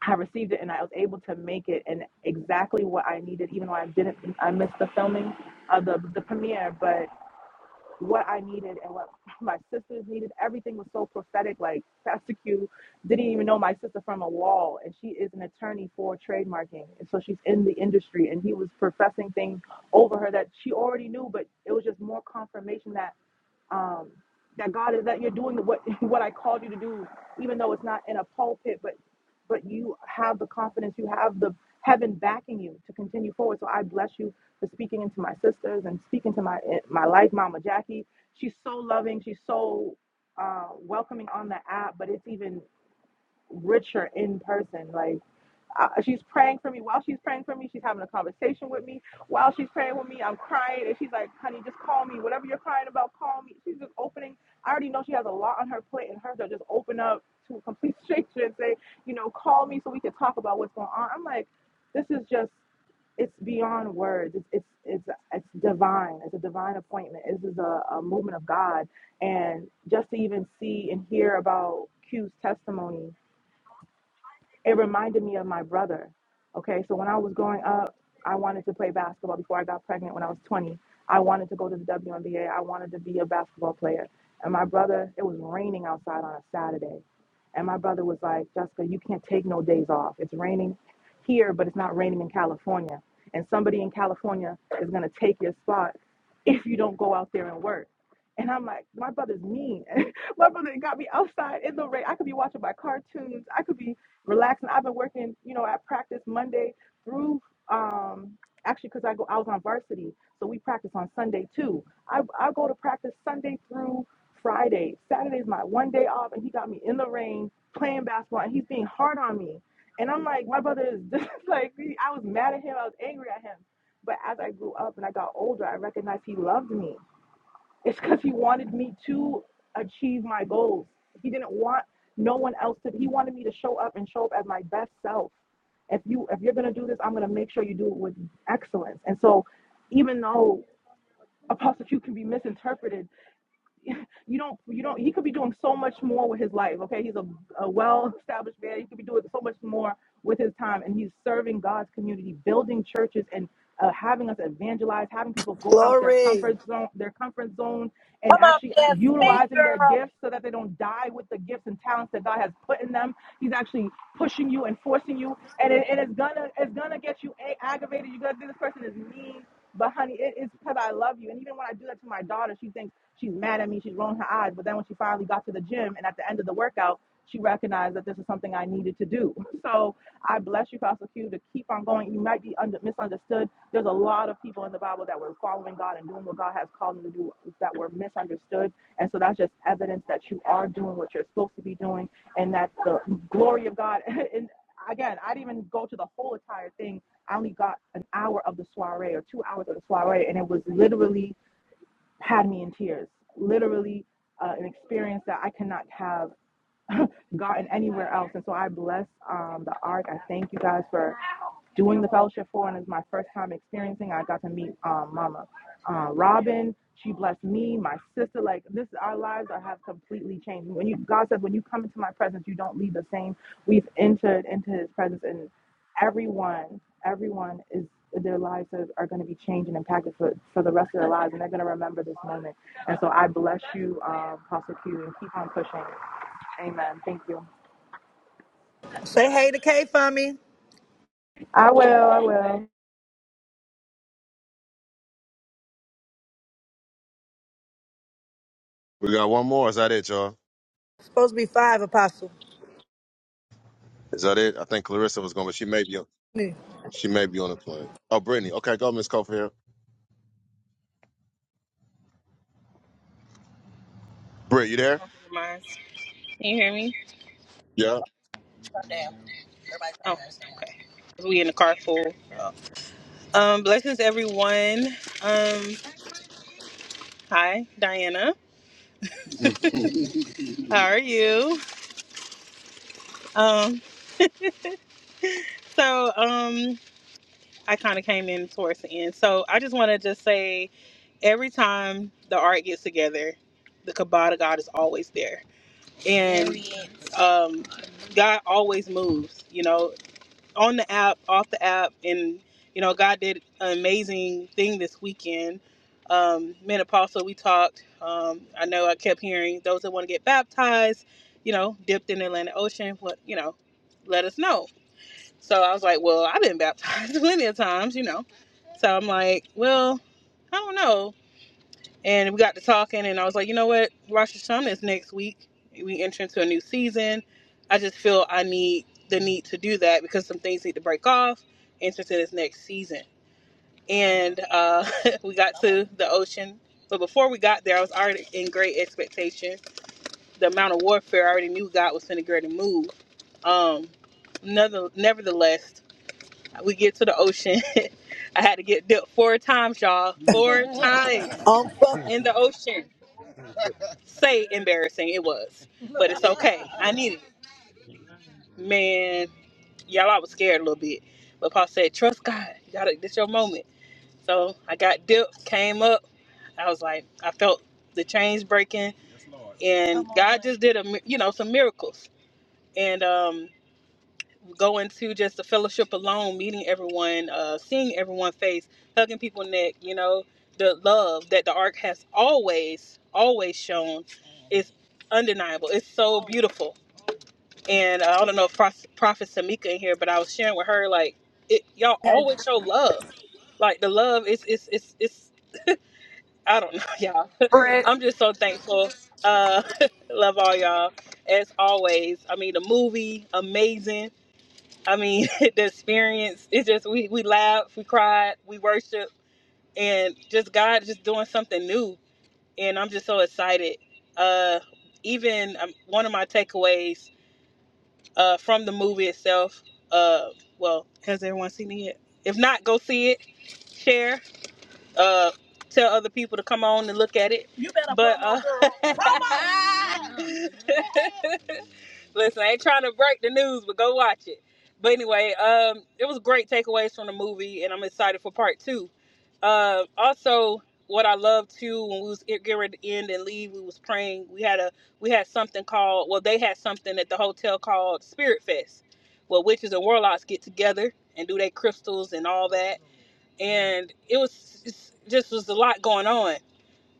Speaker 11: I received it and I was able to make it and exactly what I needed, even though I didn't, I missed the filming of the, the premiere, but what I needed and what my sisters needed, everything was so prophetic. Like Pastor Q didn't even know my sister from a wall and she is an attorney for trademarking. And so she's in the industry and he was professing things over her that she already knew, but it was just more confirmation that um, that God is that you're doing what [laughs] what I called you to do, even though it's not in a pulpit, but but you have the confidence, you have the heaven backing you to continue forward. So I bless you for speaking into my sisters and speaking to my my life, Mama Jackie. She's so loving, she's so uh, welcoming on the app, but it's even richer in person. Like uh, she's praying for me. While she's praying for me, she's having a conversation with me. While she's praying with me, I'm crying, and she's like, "Honey, just call me. Whatever you're crying about, call me." She's just opening. I already know she has a lot on her plate, and her to just open up to a complete [laughs] stranger and say, "You know, call me so we can talk about what's going on." I'm like, this is just. It's beyond words. It's it's it's it's divine. It's a divine appointment. This is a, a movement of God, and just to even see and hear about Q's testimony it reminded me of my brother. Okay, so when I was growing up, I wanted to play basketball before I got pregnant when I was 20. I wanted to go to the WNBA. I wanted to be a basketball player. And my brother, it was raining outside on a Saturday. And my brother was like, Jessica, you can't take no days off. It's raining here, but it's not raining in California. And somebody in California is going to take your spot if you don't go out there and work. And I'm like, my brother's mean. [laughs] my brother got me outside in the rain. I could be watching my cartoons. I could be relaxing. I've been working, you know, I practice Monday through um actually because I go I was on varsity, so we practice on Sunday too. I I go to practice Sunday through Friday. Saturday's my one day off and he got me in the rain playing basketball and he's being hard on me. And I'm like, my brother is just [laughs] like I was mad at him, I was angry at him. But as I grew up and I got older, I recognized he loved me it's because he wanted me to achieve my goals. He didn't want no one else to. He wanted me to show up and show up as my best self. If you if you're gonna do this, I'm gonna make sure you do it with excellence. And so, even though Apostle Q can be misinterpreted [laughs] you don't you don't he could be doing so much more with his life okay he's a, a well-established man he could be doing so much more with his time and he's serving god's community building churches and uh, having us evangelize having people go out their comfort zone their comfort zone and
Speaker 12: Come on,
Speaker 11: actually
Speaker 12: yes, speak,
Speaker 11: utilizing their
Speaker 12: girl.
Speaker 11: gifts so that they don't die with the gifts and talents that god has put in them he's actually pushing you and forcing you and, it, and it's gonna it's gonna get you a- aggravated you're gonna think this person is mean but honey, it is because I love you. And even when I do that to my daughter, she thinks. She's mad at me. She's rolling her eyes. But then when she finally got to the gym and at the end of the workout, she recognized that this is something I needed to do. [laughs] So I bless you, Pastor Q, to keep on going. You might be under, misunderstood. There's a lot of people in the Bible that were following God and doing what God has called them to do that were misunderstood. And so that's just evidence that you are doing what you're supposed to be doing and that the glory of God. [laughs] And again, I didn't even go to the whole entire thing. I only got an hour of the soiree or two hours of the soiree, and it was literally had me in tears. Literally, uh, an experience that I cannot have [laughs] gotten anywhere else. And so I bless um, the ark. I thank you guys for doing the fellowship for and it's my first time experiencing i got to meet um, mama uh, robin she blessed me my sister like this our lives are, have completely changed when you god says when you come into my presence you don't leave the same we've entered into his presence and everyone everyone is their lives are, are going to be changed and impacted for, for the rest of their lives and they're going to remember this moment and so i bless you um, Apostle Q, and keep on pushing amen thank you
Speaker 3: say hey to Kay for me.
Speaker 11: i will i will
Speaker 2: We got one more. Is that it, y'all?
Speaker 3: Supposed to be five, Apostle.
Speaker 2: Is that it? I think Clarissa was going, but she may be on,
Speaker 3: Me.
Speaker 2: she may be on the plane. Oh, Brittany. Okay, go, Miss Cofield. Britt, you there?
Speaker 14: Mine. Can you hear me?
Speaker 2: Yeah.
Speaker 14: Calm down. Everybody calm Oh, down. we in the car full. Um, blessings everyone. Um, hi, Diana. How are you? Um, so um, I kind of came in towards the end. So I just want to just say, every time the art gets together, the Kabbalah God is always there, and um, God always moves. You know, on the app, off the app, and you know, God did an amazing thing this weekend. Um, me and Apostle, we talked. Um, I know I kept hearing those that want to get baptized, you know, dipped in the Atlantic Ocean. What you know, let us know. So I was like, well, I've been baptized [laughs] plenty of times, you know. So I'm like, well, I don't know and we got to talking and i was like you know what rosh hashanah is next week we enter into a new season i just feel i need the need to do that because some things need to break off enter into this next season and uh, [laughs] we got to the ocean but before we got there i was already in great expectation the amount of warfare i already knew god was going to get ready to move um, nother- nevertheless we get to the ocean [laughs] i had to get dipped four times y'all four [laughs] times
Speaker 3: On four.
Speaker 14: in the ocean say embarrassing. It was, but it's okay. I needed it. Man, y'all, I was scared a little bit. But Paul said, trust God. You gotta, this your moment. So I got dipped, came up. I was like, I felt the chains breaking. Yes, Lord. And Come on, God man. just did, a, mi- you know, some miracles. And um, going to just the fellowship alone, meeting everyone, uh, seeing everyone face, hugging people neck, you know, the love that the ark has always, always shown is undeniable. It's so beautiful. And uh, I don't know if Prof- Prophet Samika in here, but I was sharing with her, like, it, y'all always show love. Like the love is, it's, it's, it's, I don't know, [laughs] y'all.
Speaker 3: Brett.
Speaker 14: I'm just so thankful. Uh, [laughs] love all y'all as always. I mean, the movie, amazing I mean, [laughs] the experience is just we we laughed, we cried, we worshiped, and just God just doing something new. And I'm just so excited. Uh, even um, one of my takeaways uh, from the movie itself. Uh, well, has everyone seen it yet? If not, go see it. Share. Uh, tell other people to come on and look at it. You better but, promote, uh, [laughs] girl. promote. [laughs] Listen, I ain't trying to break the news, but go watch it. But anyway, um, it was great takeaways from the movie, and I'm excited for part two. Uh, also, what I love too, when we was getting ready to end and leave, we was praying. We had a we had something called well, they had something at the hotel called Spirit Fest, where witches and warlocks get together and do their crystals and all that. And it was it's- just was a lot going on.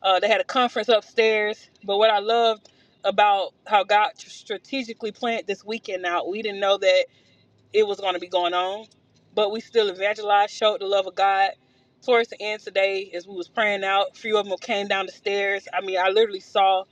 Speaker 14: Uh, they had a conference upstairs. But what I loved about how God strategically planned this weekend out, we didn't know that it was going to be going on. But we still evangelized, showed the love of God. Towards the end today, as we was praying out, a few of them came down the stairs. I mean, I literally saw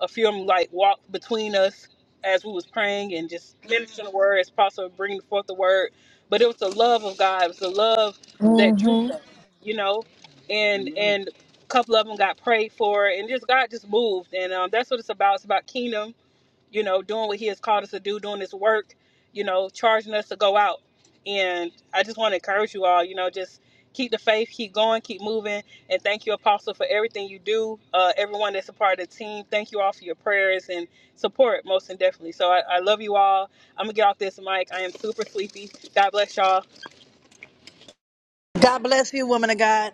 Speaker 14: a few of them like walk between us as we was praying and just ministering the word as possible, bringing forth the word. But it was the love of God. It was the love that drew
Speaker 3: hmm
Speaker 14: them, you know. And and a couple of them got prayed for, and just God just moved. And um, that's what it's about. It's about kingdom you know, doing what he has called us to do, doing his work, you know, charging us to go out. And I just want to encourage you all, you know, just keep the faith, keep going, keep moving. And thank you, Apostle, for everything you do. Uh, everyone that's a part of the team, thank you all for your prayers and support, most and definitely. So I, I love you all. I'm going to get off this mic. I am super sleepy. God bless y'all.
Speaker 3: God bless you, woman of God.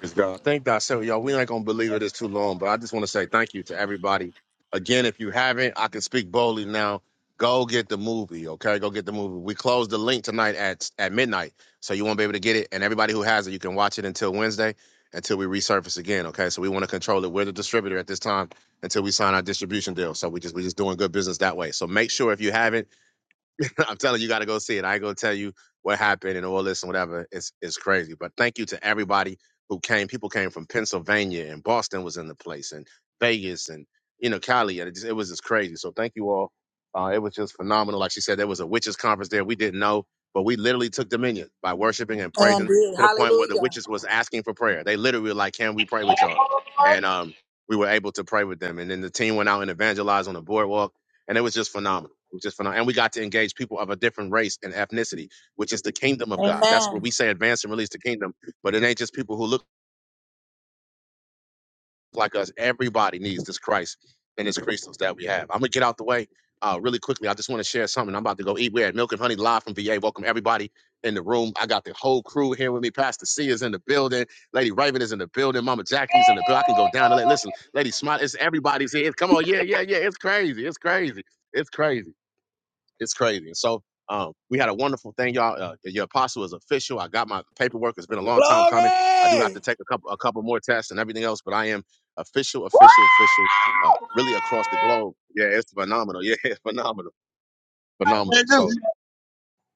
Speaker 2: Praise God. Thank God. So, y'all, we ain't going to believe it is too long, but I just want to say thank you to everybody. Again, if you haven't, I can speak boldly now. Go get the movie, okay? Go get the movie. We close the link tonight at, at midnight, so you won't be able to get it. And everybody who has it, you can watch it until Wednesday, until we resurface again, okay? So we want to control it. We're the distributor at this time until we sign our distribution deal. So we just we just doing good business that way. So make sure if you haven't, [laughs] I'm telling you, you got to go see it. I ain't gonna tell you what happened and all this and whatever. It's it's crazy. But thank you to everybody who came. People came from Pennsylvania and Boston was in the place and Vegas and you know Cali. And it, just, it was just crazy. So thank you all. Uh, it was just phenomenal. Like she said, there was a witches conference there. We didn't know, but we literally took dominion by worshiping and
Speaker 3: And
Speaker 2: praising
Speaker 3: did.
Speaker 2: to the point where the
Speaker 3: Hallelujah.
Speaker 2: witches was asking for prayer. They literally were like, "Can we pray with y'all?" And um, we were able to pray with them. And then the team went out and evangelized on the boardwalk, and it was just phenomenal which is phenomenal. And we got to engage people of a different race and ethnicity, which is the kingdom of God. That's where we
Speaker 3: Amen.
Speaker 2: say advance and release the kingdom. But it ain't just people who look like us. Everybody needs this Christ and his crystals that we have. I'm gonna get out the way uh, really quickly. I just want to share something. I'm about to go eat. We're at Milk and Honey live from VA. Welcome everybody in the room. I got the whole crew here with me. Pastor C is in the building. Lady Raven is in the building. Mama Jackie's in the building. I can go down and let listen. Lady Smile, it's everybody's here. Come on, yeah, yeah, yeah. It's crazy. It's crazy. It's crazy. It's crazy. And so um, we had a wonderful thing, y'all. Uh, your apostle is official. I got my paperwork. It's been a long time coming. I do have
Speaker 3: Hey,
Speaker 2: to take a couple a couple more tests and everything else, but I am official, official, official. Uh, really across the globe. Yeah, it's phenomenal. Yeah, [laughs] it's phenomenal, phenomenal. So
Speaker 10: Hallelujah.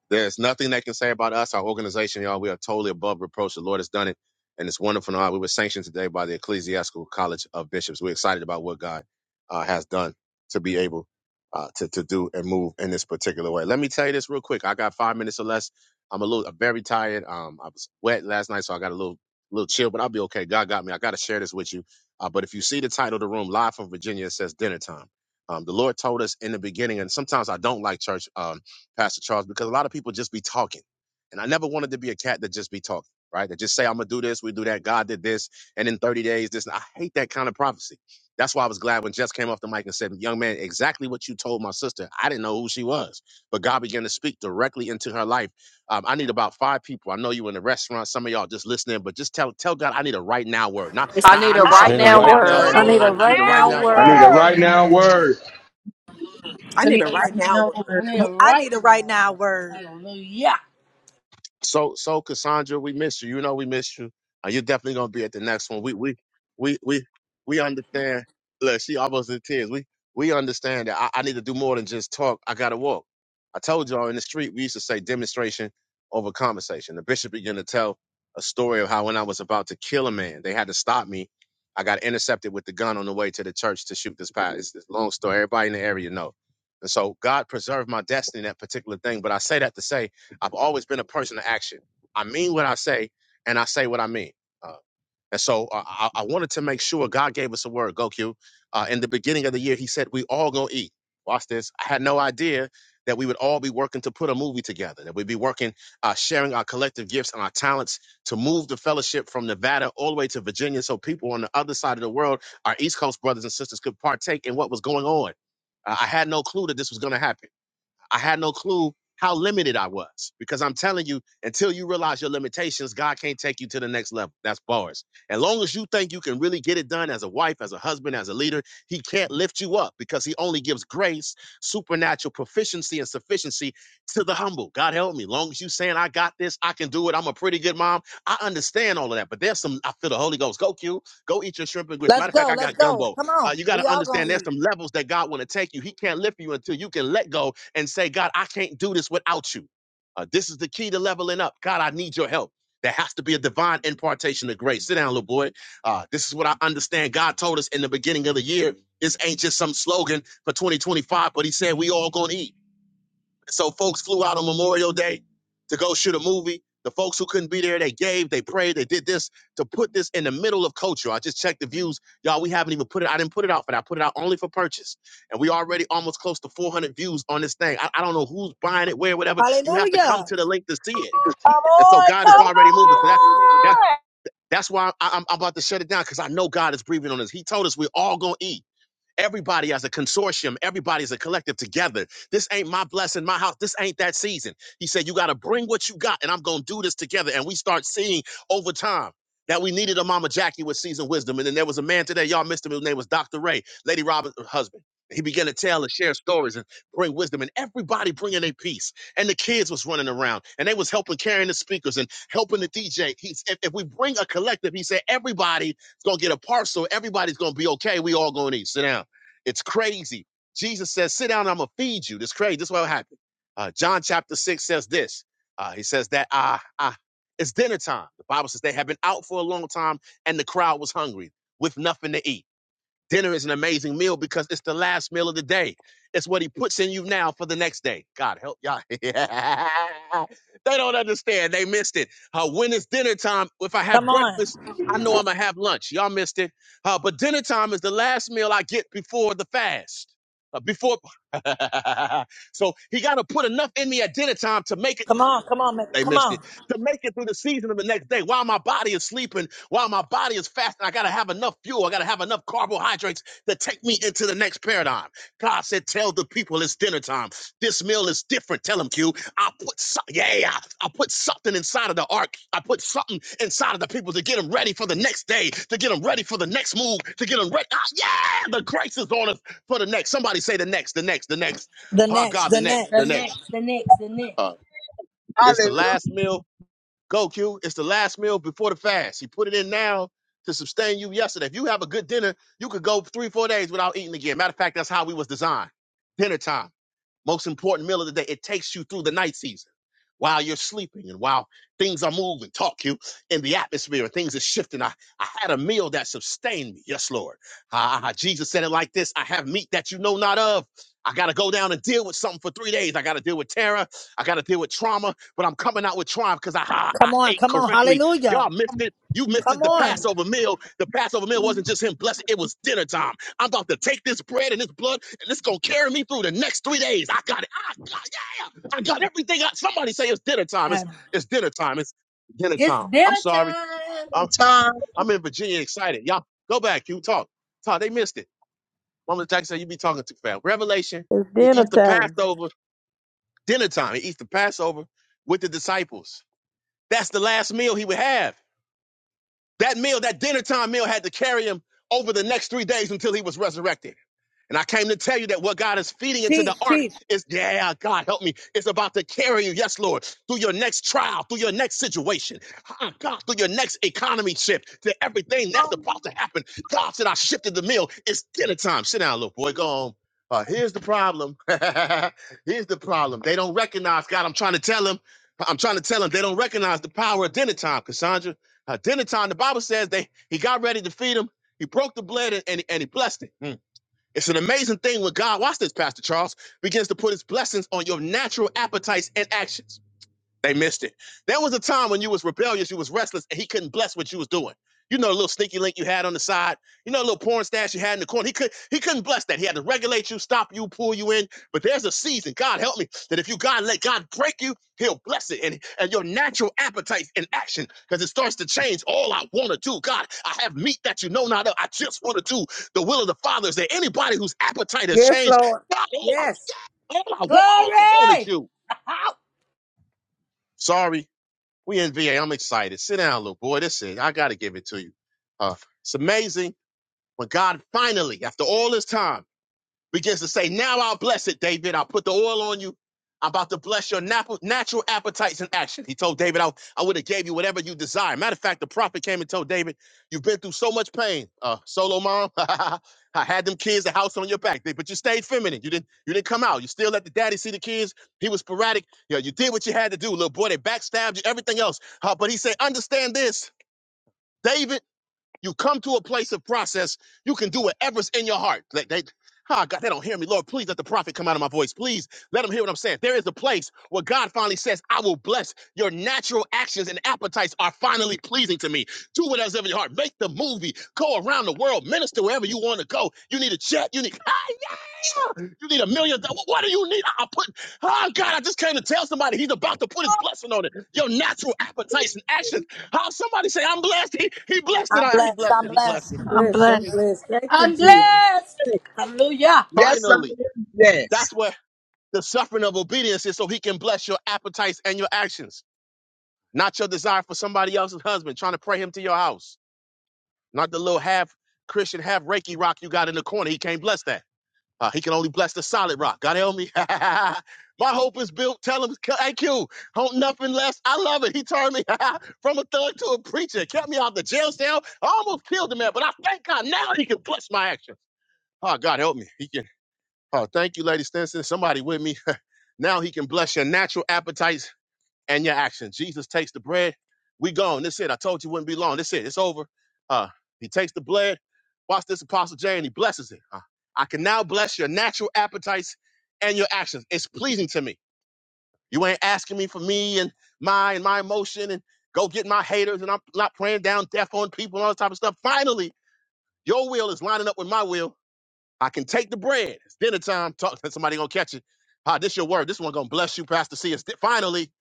Speaker 2: there's nothing they can say about us, our organization, y'all. We are totally above reproach. The Lord has done it, and it's wonderful. And all. We were sanctioned today by the Ecclesiastical College of Bishops. We're excited about what God uh, has done to be able uh, to to do and move in this particular way. Let me tell you this real quick. I got five minutes or less. I'm a little, I'm very tired. Um, I was wet last night, so I got a little, little chill, but I'll be okay. God got me. I got to share this with you. Uh, but if you see the title of the room, "Live from Virginia," it says dinner time. Um, the Lord told us in the beginning, and sometimes I don't like church. Um, Pastor Charles, because a lot of people just be talking. And I never wanted to be a cat that just be talking, right? That just say, I'm gonna do this, we do that, God did this, and in 30 days, this I hate that kind of prophecy. That's why I was glad when Jess came off the mic and said, Young man, exactly what you told my sister. I didn't know who she was, but God began to speak directly into her life. Um, I need about five people. I know you in the restaurant, some of y'all just listening, but just tell tell God I need a right now word. Not,
Speaker 5: I
Speaker 2: not
Speaker 5: need
Speaker 2: I
Speaker 5: a
Speaker 2: need
Speaker 12: I
Speaker 9: And
Speaker 5: right
Speaker 2: something
Speaker 9: then the
Speaker 12: need
Speaker 5: now
Speaker 2: right
Speaker 12: a
Speaker 2: now.
Speaker 9: right
Speaker 2: Some,
Speaker 9: now
Speaker 5: word.
Speaker 15: I
Speaker 12: right
Speaker 2: something
Speaker 15: need a
Speaker 2: I, I
Speaker 9: word,
Speaker 2: need
Speaker 15: right
Speaker 2: a right
Speaker 12: now
Speaker 15: now
Speaker 11: I
Speaker 2: now
Speaker 11: need
Speaker 2: word.
Speaker 11: to
Speaker 16: I need
Speaker 11: write
Speaker 16: a
Speaker 6: Right
Speaker 15: word.
Speaker 12: girl.
Speaker 11: down
Speaker 16: right now
Speaker 11: words.
Speaker 6: now, Lord.
Speaker 16: word.
Speaker 17: I need a right now
Speaker 18: I need it
Speaker 3: I
Speaker 18: right
Speaker 3: need a right
Speaker 18: now.
Speaker 3: now word.
Speaker 18: Hallelujah.
Speaker 2: So so Cassandra, we miss you. You know we miss you. Uh, you're definitely gonna be at the next one. We we we we we understand. Look, she almost in tears. We we understand that I, I need to do more than just talk. I gotta walk. I told y'all in the street we used to say demonstration over conversation. The bishop began to tell a story of how when I was about to kill a man, they had to stop me. I got intercepted with the gun on the way to the church to shoot this pastor. It's this long story. Everybody in the area know. And so God preserved my destiny in that particular thing. But I say that to say I've always been a person of action. I mean what I say, and I say what I mean. Uh, and so uh, I, I wanted to make sure God gave us a word, Goku. Uh, in the beginning of the year, He said we all gonna eat. Watch this. I had no idea that we would all be working to put a movie together. That we'd be working, uh, sharing our collective gifts and our talents to move the fellowship from Nevada all the way to Virginia, so people on the other side of the world, our East Coast brothers and sisters, could partake in what was going on. Uh, I had no clue that this was gonna happen. I had no clue how limited I was because I'm telling you, until you realize your limitations, God can't take you to the next level. That's bars. As long as you think you can really get it done as a wife, as a husband, as a leader, He can't lift you up because He only gives grace, supernatural proficiency, and sufficiency to the humble. God help me. Long as you saying I got this, I can do it. I'm a pretty good mom. I understand all of that, but there's some. I feel the Holy Ghost. Go Q. Go eat your shrimp and grits.
Speaker 3: Let's
Speaker 2: Matter of fact,
Speaker 3: go.
Speaker 2: I
Speaker 3: Let's
Speaker 2: got
Speaker 3: go.
Speaker 2: gumbo.
Speaker 3: Come
Speaker 2: Uh,
Speaker 3: on.
Speaker 2: you got
Speaker 3: We
Speaker 2: to
Speaker 3: all
Speaker 2: understand
Speaker 3: going to
Speaker 2: there's
Speaker 3: eat.
Speaker 2: some levels that God want to take you. He can't lift you until you can let go and say, God, I can't do this without you. Uh, this is the key to leveling up. God, I need your help. There has to be a divine impartation of grace. Sit down, little boy. Uh, this is what I understand. God told us in the beginning of the year. This ain't just some slogan for 2025, but He said we all gonna eat. So folks flew out on Memorial Day to go shoot a movie. The folks who couldn't be there, they gave, they prayed, they did this to put this in the middle of culture. I just checked the views. Y'all, we haven't even put it. I didn't put it out for that. I put it out only for purchase. And we already almost close to 400 views on this thing. I, I don't know who's buying it, where, whatever. You have to come
Speaker 3: Hallelujah.
Speaker 2: to the link to see it.
Speaker 12: Come
Speaker 2: And so
Speaker 12: on,
Speaker 2: God is
Speaker 12: come
Speaker 2: already moving. So that, that,
Speaker 12: on.
Speaker 2: that's why I, I'm, I'm about to shut it down because I know God is breathing on us. He told us we're all going to eat. Everybody as a consortium, everybody as a collective together. This ain't my blessing, my house. This ain't that season. He said, You got to bring what you got, and I'm going to do this together. And we start seeing over time that we needed a Mama Jackie with seasoned wisdom. And then there was a man today, y'all missed him. His name was Dr. Ray, Lady Robert's husband. He began to tell and share stories and bring wisdom, and everybody bringing their piece. And the kids was running around, and they was helping carrying the speakers and helping the DJ. He's if, if we bring a collective, he said everybody's gonna get a parcel. Everybody's gonna be okay. We all gonna eat. Sit down. It's crazy. Jesus says, sit down, I'm going to feed you. This crazy. This is what happened. Uh, John chapter 6 says this. Uh, he says that ah, ah, it's dinner time. The Bible says they had been out for a long time and the crowd was hungry with nothing to eat. Dinner is an amazing meal because it's the last meal of the day. It's what he puts in you now for the next day. God help y'all. [laughs] they don't understand. They missed it. Uh, when it's dinner time, if I have
Speaker 3: Come on.
Speaker 2: breakfast, I know I'm going to have lunch. Y'all missed it. Uh, but dinner time is the last meal I get before the fast. Uh, before, [laughs] so he got to put enough in me at dinner time to make it.
Speaker 3: Come on. Come on. man.
Speaker 2: They
Speaker 3: Come
Speaker 2: missed
Speaker 3: on.
Speaker 2: it. To make it through the season of the next day, while my body is sleeping, while my body is fasting, I got to have enough fuel. I got to have enough carbohydrates to take me into the next paradigm. God said, Tell the people it's dinner time. This meal is different. Tell them, Q. I put, so- yeah, I put something inside of the ark. I put something inside of the people to get them ready for the next day, to get them ready for the next move, to get them ready. Ah, yeah, the grace is on us for the next. Somebody say the next, the next, the next.
Speaker 3: The
Speaker 2: Oh,
Speaker 3: next.
Speaker 2: God, the
Speaker 3: The
Speaker 2: next,
Speaker 3: next.
Speaker 2: the
Speaker 18: The
Speaker 2: next.
Speaker 18: next, the next, the next.
Speaker 2: Uh, it's the
Speaker 10: Hallelujah.
Speaker 2: last meal Go, Q. It's the last meal before the fast. He put it in now to sustain you yesterday. If you have a good dinner, you could go three, four days without eating again. Matter of fact, that's how we was designed. Dinner time. Most important meal of the day. It takes you through the night season while you're sleeping and while things are moving, talk you in the atmosphere and things are shifting. I, I had a meal that sustained me. Yes, Lord. Ah, ah, Jesus said it like this. I have meat that you know not of. I got to go down and deal with something for three days. I got to deal with terror. I got to deal with trauma, but I'm coming out with triumph because I, I, I
Speaker 3: Come on,
Speaker 2: ate
Speaker 3: come on,
Speaker 2: correctly.
Speaker 3: hallelujah.
Speaker 2: Y'all missed it. You missed it.
Speaker 3: Come
Speaker 2: The
Speaker 3: on.
Speaker 2: Passover meal, the Passover meal wasn't just him blessing. It was dinner time. I'm about to take this bread and this blood, and it's gonna carry me through the next three days. I got it. I got yeah. I got everything. I, somebody say it's dinner time. It's
Speaker 3: And
Speaker 2: it's dinner time. It's dinner
Speaker 18: It's
Speaker 2: time. I'm
Speaker 18: dinner
Speaker 2: sorry.
Speaker 18: time.
Speaker 2: I'm
Speaker 10: Time.
Speaker 2: I'm in Virginia, excited. Y'all go back. You talk. Talk. They missed it. Mama Jackson, said you be talking too fast. Revelation.
Speaker 4: It's
Speaker 2: He
Speaker 4: dinner
Speaker 2: eats the
Speaker 4: time.
Speaker 2: Passover dinner time. He eats the Passover with the disciples. That's the last meal he would have. That meal, that dinner time meal, had to carry him over the next three days until he was resurrected. And I came to tell you that what God is feeding into the
Speaker 3: teach,
Speaker 2: ark
Speaker 3: teach.
Speaker 2: is, yeah, God help me. It's about to carry you, yes, Lord, through your next trial, through your next situation. Ah, God, through your next economy shift, to everything that's about to happen. God said, I shifted the meal. It's dinner time. Sit down, little boy. Go home. Uh, here's the problem. [laughs] here's the problem. They don't recognize God. I'm trying to tell them. I'm trying to tell them they don't recognize the power of dinner time, Cassandra. Uh, dinner time, the Bible says they he got ready to feed them. He broke the bread and, and, and he blessed it. Hmm. It's an amazing thing when God, watch this, Pastor Charles, begins to put his blessings on your natural appetites and actions. They missed it. There was a time when you was rebellious, you was restless, and he couldn't bless what you was doing. You know, the little sneaky link you had on the side. You know, the little porn stash you had in the corner. He could he couldn't bless that. He had to regulate you, stop you, pull you in. But there's a season, God help me, that if you God let God break you, He'll bless it, and and your natural appetite in action, because it starts to change. All I want to do, God, I have meat that you know not of. I just want to do the will of the Father. Is there anybody whose appetite has
Speaker 4: Yes,
Speaker 2: changed?
Speaker 4: Lord.
Speaker 2: God, all I,
Speaker 4: Yes.
Speaker 2: all I want, all I want is
Speaker 18: Glory.
Speaker 2: you.
Speaker 18: [laughs]
Speaker 2: Sorry we NBA. I'm excited. Sit down, little boy. This is. I got to give it to you. Uh, it's amazing when God finally, after all this time begins to say, Now I'll bless it, David. I'll put the oil on you. I'm about to bless your nap- natural appetites in action. He told David, I, I would have gave you whatever you desire. Matter of fact, the prophet came and told David, You've been through so much pain. Uh, solo mom, [laughs] I had them kids, a house on your back, but you stayed feminine. You didn't you didn't come out. You still let the daddy see the kids. He was sporadic. Yeah, you did what you had to do, little boy. They backstabbed you, everything else. Uh, but he said, Understand this, David. You come to a place of process. You can do whatever's in your heart. They, they, oh God, they don't hear me. Lord, please let the prophet come out of my voice. Please let them hear what I'm saying. There is a place where God finally says, I will bless your natural actions and appetites are finally pleasing to me. Do whatever's in your heart. Make the movie. Go around the world. Minister wherever you want to go. You need a jet. You need, ah, yeah. you need a million dollars. What do you need? I- i put, oh God, I just came to tell somebody he's about to put his blessing on it. Your natural appetites and actions how somebody say, I'm blessed. He, he blessed it.
Speaker 3: I'm
Speaker 2: Ah, He
Speaker 3: blessed,
Speaker 2: blessed it.
Speaker 3: I'm
Speaker 2: He blessed
Speaker 3: blessed.
Speaker 2: it.
Speaker 4: I'm
Speaker 15: I'm
Speaker 4: blessed. I'm
Speaker 2: And
Speaker 15: blessed.
Speaker 4: blessed. Thank you,
Speaker 18: I'm
Speaker 4: Jesus.
Speaker 18: blessed. Hallelujah.
Speaker 10: Yes, I am.
Speaker 2: finally, that's where the suffering of obedience is so he can bless your appetites and your actions, not your desire for somebody else's husband, trying to pray him to your house, not the little half Christian, half Reiki rock you got in the corner. He can't bless that. Uh, he can only bless the solid rock. God help me. [laughs] My hope is built. Tell him, thank you. Hope nothing less. I love it. He turned me [laughs] from a thug to a preacher. Kept me out the jail cell. I Almost killed the man, but I thank God now he can bless my action. Oh, God help me. He can. Oh, thank you, Lady Stinson. Somebody with me. [laughs] now he can bless your natural appetites and your actions. Jesus takes the bread. We gone. That's it. I told you it wouldn't be long. That's it. It's over. Uh, he takes the blood. Watch this, Apostle J, and he blesses it. Uh, I can now bless your natural appetites and your actions. It's pleasing to me. You ain't asking me for me and my and my emotion and go get my haters and I'm not praying down death on people and all that type of stuff. Finally, your will is lining up with my will I can take the bread. It's dinner time. Talk [laughs] somebody gonna catch it. Ah, this your word. This one gonna bless you, Pastor C. It's di- finally,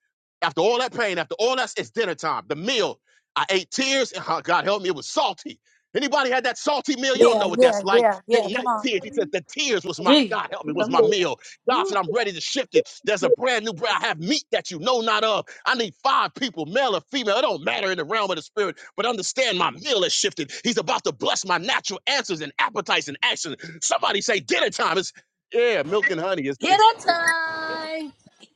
Speaker 2: after all that pain, after all that, it's dinner time. The meal. I ate tears, and ah, God help me, it was salty. Anybody had that salty meal? You don't know
Speaker 3: Yeah,
Speaker 2: what that's
Speaker 3: yeah,
Speaker 2: like.
Speaker 3: yeah,
Speaker 2: The
Speaker 3: yeah. Come
Speaker 2: night
Speaker 3: on.
Speaker 2: tears. He said the tears was my
Speaker 18: Jesus.
Speaker 2: God help me was
Speaker 18: Come
Speaker 2: my
Speaker 18: on
Speaker 2: meal.
Speaker 18: now.
Speaker 2: God
Speaker 18: Ooh,
Speaker 2: said
Speaker 18: come
Speaker 2: I'm
Speaker 18: on.
Speaker 2: ready to shift it. There's a brand new bread. I have meat that you know not of. I need five people, male or female. It don't matter in the realm of the spirit, but understand my meal has shifted. He's about to bless my natural answers and appetites and actions. Somebody say dinner time. It's yeah, milk and honey. It's, it's
Speaker 18: dinner time. [laughs]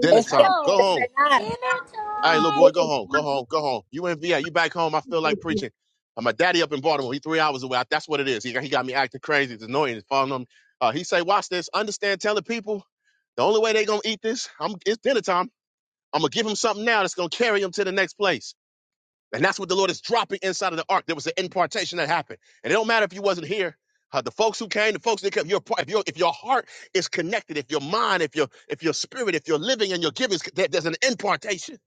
Speaker 2: dinner time. Go
Speaker 18: Hello.
Speaker 2: home.
Speaker 18: Dinner
Speaker 2: All right, little boy,
Speaker 18: time.
Speaker 2: go home. Go
Speaker 10: Yes.
Speaker 2: home. Go home. You in VA. You back home. I feel like preaching. Uh, My daddy up in Baltimore. He three hours away. That's what it is. He, got- he got me acting crazy. It's annoying. It's following him. Uh, he say, watch this. Understand, telling people the only way they gonna eat this, I'm, it's dinner time. I'm gonna give him something now that's gonna carry him to the next place. And that's what the Lord is dropping inside of the ark. There was an impartation that happened. And it don't matter if you wasn't here. Uh, the folks who came, the folks that came, your part, if your if your heart is connected, if your mind, if your if your spirit, if you're living and your giving, is- there, there's an impartation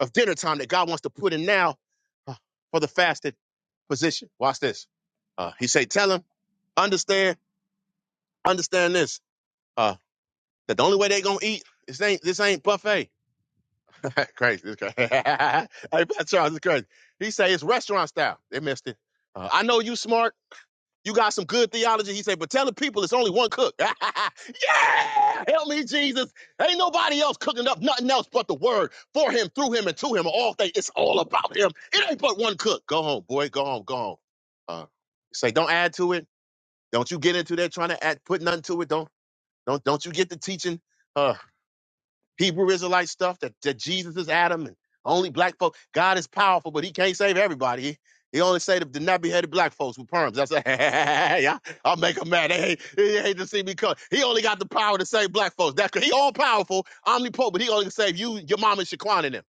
Speaker 2: of dinner time that God wants to put in now uh, for the fasted position. Watch this. Uh, he say, tell him, understand, understand this. Uh, that the only way they gonna eat, this ain't this ain't buffet. [laughs] Crazy, this crazy. [laughs] hey, Pastor Charles, it's crazy. He say it's restaurant style. They missed it. Uh, I know you smart. You got some good theology. He say, but tell the people it's only one cook. [laughs] yeah, help me, Jesus. Ain't nobody else cooking up nothing else but the word for him, through him, and to him. All things. It's all about him. It ain't but one cook. Go home, boy. Go home. Go home. Uh, say, don't add to it. Don't you get into that trying to add, put nothing to it. Don't don't don't you get to teaching. Uh, Hebrew Israelite stuff that, that Jesus is Adam and only black folks. God is powerful, but he can't save everybody. He, he only saved the nappy headed black folks with perms. That's [laughs] yeah, I'll make them mad. They hate, they hate to see me come. He only got the power to save black folks. That's he all powerful, omnipotent, but he only can save you, your mama, and Shaquan and them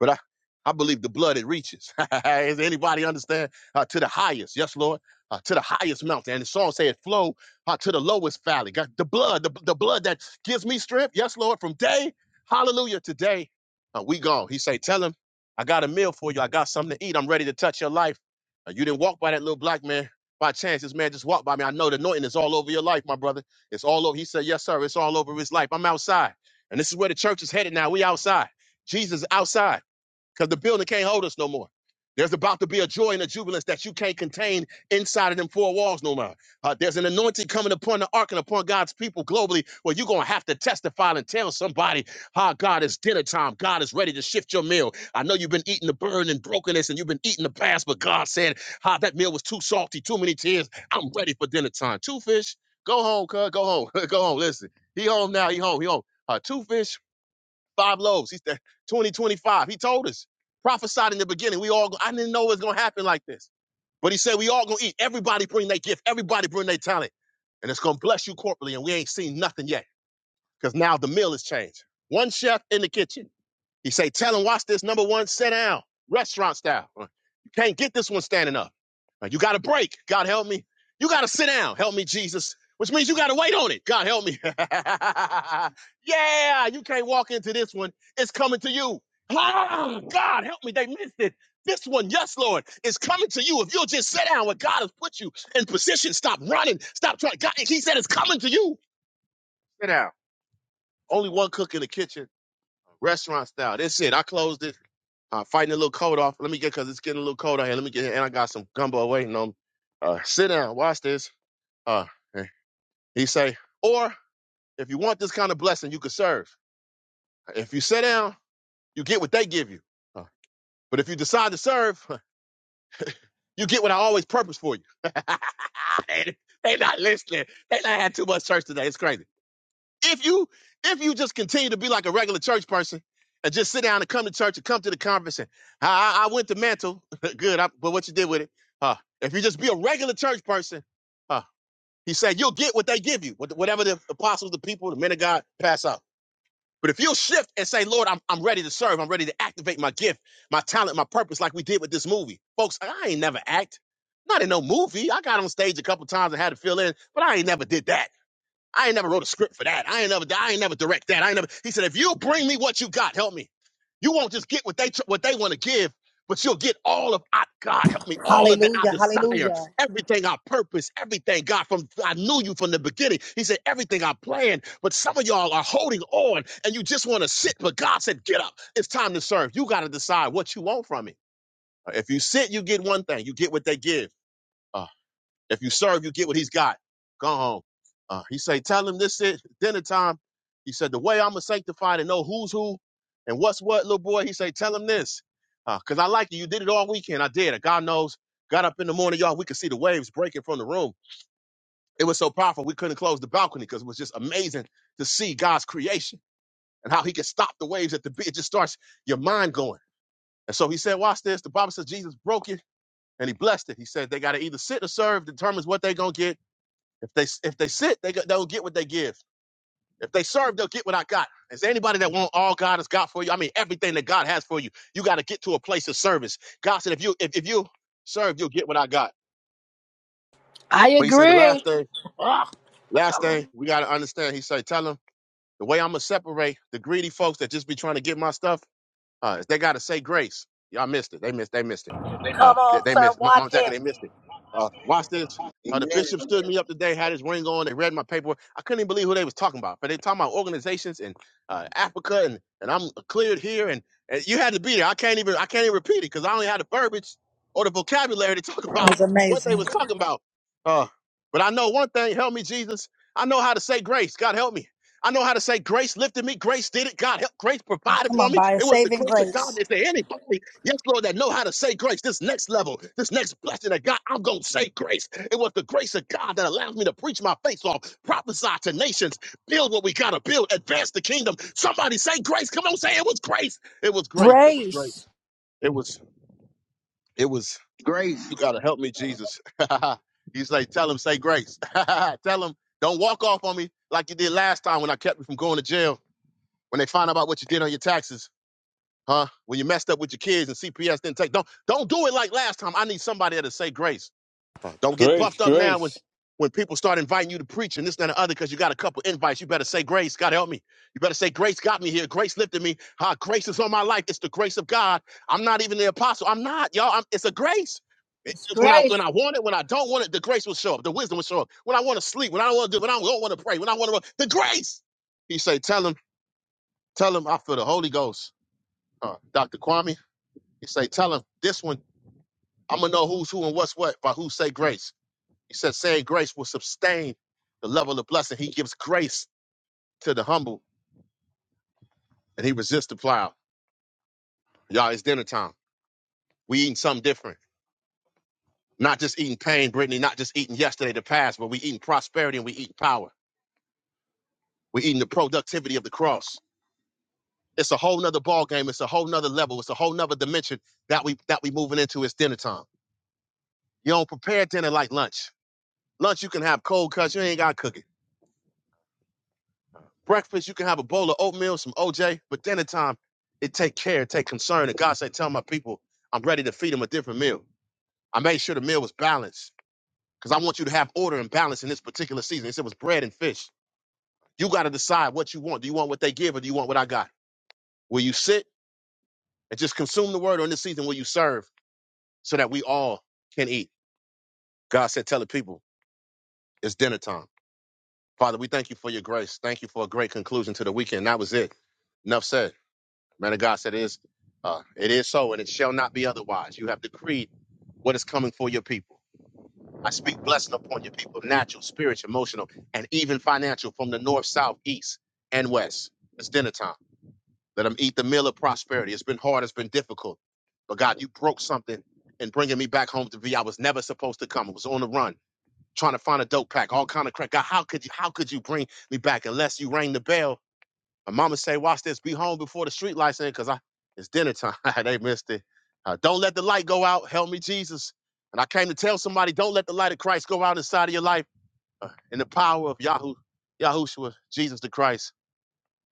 Speaker 2: but I, I believe the blood it reaches. [laughs] Does anybody understand? Uh, to the highest, yes, Lord, uh, to the highest mountain. And the song said, "Flow uh, to the lowest valley." God, the blood, the, the blood that gives me strength, yes, Lord. From day, hallelujah, today, uh, we gone. He say, "Tell him, I got a meal for you. I got something to eat. I'm ready to touch your life. Uh, you didn't walk by that little black man." By chance, this man just walked by me. I know the anointing is all over your life, my brother. It's all over. He said, Yes, sir. It's all over his life. I'm outside. And this is where the church is headed now. We outside. Jesus outside because the building can't hold us no more. There's about to be a joy and a jubilance that you can't contain inside of them four walls no more. Uh, there's an anointing coming upon the ark and upon God's people globally where you're going to have to testify and tell somebody how God is dinner time. God is ready to shift your meal. I know you've been eating the burn and brokenness and you've been eating the past, but God said, how that meal was too salty, too many tears. I'm ready for dinner time. Two fish, go home, cuz. Go home. [laughs] go home. Listen, he home now. He home. He home. Uh, two fish. Five loaves. He said 2025. He told us. Prophesied in the beginning. We all. I didn't know it was gonna happen like this. But he said we all gonna eat. Everybody bring their gift. Everybody bring their talent, and it's gonna bless you corporately. And we ain't seen nothing yet because now the meal has changed. One chef in the kitchen. He say, tell him, watch this number one, sit down, restaurant style. Uh, You can't get this one standing up. Uh, You got to break. God help me. You got to sit down. Help me, Jesus. Which means you got to wait on it. God help me. [laughs] yeah, you can't walk into this one. It's coming to you. Ah, God help me. They missed it. This one, yes, Lord, is coming to you. If you'll just sit down where God has put you in position, stop running, stop trying. God, he said it's coming to you. Sit down. Only one cook in the kitchen, restaurant style. That's it. I closed it uh, fighting a little cold off. Let me get because it's getting a little cold out here. Let me get here. and I got some gumbo waiting on. me. Uh, sit down, watch this. Uh, he say, or if you want this kind of blessing, you can serve. If you sit down, you get what they give you. Uh, but if you decide to serve, huh, you get what I always purpose for you. [laughs] they, they not listening. They not had too much church today. It's crazy. If you if you just continue to be like a regular church person and just sit down and come to church and come to the conference and I, I went to mantle, [laughs] good. I, but what you did with it? Uh, if you just be a regular church person, uh, he said you'll get what they give you, what- whatever the apostles, the people, the men of God pass out. But if you'll shift and say, Lord, I'm, I'm ready to serve. I'm ready to activate my gift, my talent, my purpose, like we did with this movie. Folks, I ain't never act. Not in no movie. I got on stage a couple times and had to fill in, but I ain't never did that. I ain't never wrote a script for that. I ain't never, I ain't never direct that. I ain't never. He said, if you bring me what you got, help me. You won't just get what they what they want to give, but you'll get all of I, God help me, all of that I
Speaker 3: Hallelujah,
Speaker 2: desire,
Speaker 3: hallelujah.
Speaker 2: everything I purpose, everything God from I knew you from the beginning. He said everything I planned, but some of y'all are holding on and you just want to sit. But God said, get up, it's time to serve. You got to decide what you want from it. If you sit, you get one thing, you get what they give. Uh, if you serve, you get what he's got. Go home. Uh, he say, tell him this is dinner time. He said, the way I'm going to sanctify to know who's who and what's what, little boy, he say, tell him this. Because uh, I like you. You did it all weekend. I did. it. God knows. Got up in the morning, y'all. We could see the waves breaking from the room. It was so powerful. We couldn't close the balcony because it was just amazing to see God's creation and how he could stop the waves at the beach. It just starts your mind going. And so he said, watch this. The Bible says Jesus broke it and he blessed it. He said they got to either sit or serve, determines what they're going to get. If they if they sit, they go- they'll get what they give. If they serve, they'll get what I got. Is there anybody that want all God has got for you? I mean, everything that God has for you, you got to get to a place of service. God said, if you if, if you serve, you'll get what I got.
Speaker 18: I
Speaker 2: But He said the last
Speaker 18: agree. [laughs]
Speaker 2: thing,
Speaker 18: Oh,
Speaker 2: last thing
Speaker 18: hallelujah.
Speaker 2: we got to understand. He said, tell them the way I'm gonna separate the greedy folks that just be trying to get my stuff. Uh, they got to say grace. Y'all missed it. They missed. They missed it. Uh,
Speaker 12: Come
Speaker 2: they,
Speaker 12: on,
Speaker 2: they
Speaker 12: sir,
Speaker 2: missed. Mom Mom
Speaker 12: watch
Speaker 2: Jackie,
Speaker 12: it.
Speaker 2: they missed it. Uh, watch this. Uh, the
Speaker 19: Amen.
Speaker 2: bishop stood me up today, had his ring on. They read my paperwork. I couldn't even believe who they was talking about. But they talking about organizations in uh, Africa, and and I'm cleared here, and, and you had to be there. I can't even. I can't even repeat it because I only had the verbiage or the vocabulary to [laughs] talk
Speaker 3: It
Speaker 2: about
Speaker 3: was
Speaker 2: what they
Speaker 3: amazing.
Speaker 2: was talking about. Uh, but I know one thing. Help me, Jesus. I know how to say grace. God help me. I know how to say grace lifted me. Grace did it. God helped. Grace
Speaker 3: Oh,
Speaker 2: provided
Speaker 3: come
Speaker 2: for
Speaker 3: on,
Speaker 2: me.
Speaker 3: by a
Speaker 2: It was the
Speaker 3: saving
Speaker 2: grace of God.
Speaker 3: grace.
Speaker 2: Is there anybody, yes, Lord, that know how to say grace? This next level, this next blessing of God, I'm going to say grace. It was the grace of God that allows me to preach my face off, prophesy to nations, build what we got to build, advance the kingdom. Somebody say grace. Come on, say it was grace. It was grace. It was grace.
Speaker 15: Grace.
Speaker 2: It was, it was,
Speaker 19: Grace.
Speaker 2: you got to help me, Jesus. [laughs] you say, tell him, say grace. [laughs] tell him, don't walk off on me like you did last time when I kept you from going to jail when they find out about what you did on your taxes, huh? When you messed up with your kids and CPS didn't take don't don't do it like last time. I need somebody that'll say grace. Uh, Don't get
Speaker 9: grace,
Speaker 2: puffed up now
Speaker 9: grace.
Speaker 2: when when people start inviting you to preach and this and the other because you got a couple invites. You better say grace. God help me. You better say grace got me here. Grace lifted me. Huh? Grace is on my life. It's the grace of God. I'm not even the apostle. I'm not y'all. I'm, it's a grace. It-
Speaker 18: it's
Speaker 2: When I
Speaker 18: great.
Speaker 2: when I want it, when I don't want it, the grace will show up. The wisdom will show up. When I want to sleep, when I don't want to do, when I don't want to pray, when I want to, the grace. He say, tell 'em Tell him I feel the Holy Ghost, uh, Dr. Kwame. He say, tell him this one, I'm going to know who's who and what's what by who say grace. He said, saying grace will sustain the level of blessing. He gives grace to the humble and he resists the plow. Y'all, it's dinner time. We eating something different. Not just eating pain, Brittany, not just eating yesterday, the past, but we eating prosperity and we eating power. We eating the productivity of the cross. It's a whole nother ball game. It's a whole nother level. It's a whole nother dimension that we that we moving into. It's dinner time. You don't prepare dinner like lunch. Lunch, you can have cold cuts. You ain't got to cook it. Breakfast, you can have a bowl of oatmeal, some OJ. But dinner time, it take care, it take concern. And God said, tell my people, I'm ready to feed them a different meal. I made sure the meal was balanced because I want you to have order and balance in this particular season. He said it was bread and fish. You got to decide what you want. Do you want what they give or do you want what I got? Will you sit and just consume the word or in this season will you serve so that we all can eat? God said, tell the people, it's dinner time. Father, we thank you for your grace. Thank you for a great conclusion to the weekend. That was it. Enough said. Man of God said, "It is, uh, it is so, and it shall not be otherwise. You have decreed what is coming for your people. I speak blessing upon your people, natural, spiritual, emotional, and even financial, from the north, south, east, and west. It's dinner time. Let them eat the meal of prosperity. It's been hard. It's been difficult, but God, you broke something and bringing me back home to V. I was never supposed to come. I was on the run, trying to find a dope pack, all kind of crack. God, how could you? How could you bring me back unless you rang the bell?" My mama say, watch this, be home before the street lights in, cause I it's dinner time. [laughs] they missed it. Uh, don't let the light go out. Help me, Jesus. And I came to tell somebody, don't let the light of Christ go out inside of your life. Uh, in the power of Yahoo, Yahushua, Jesus the Christ,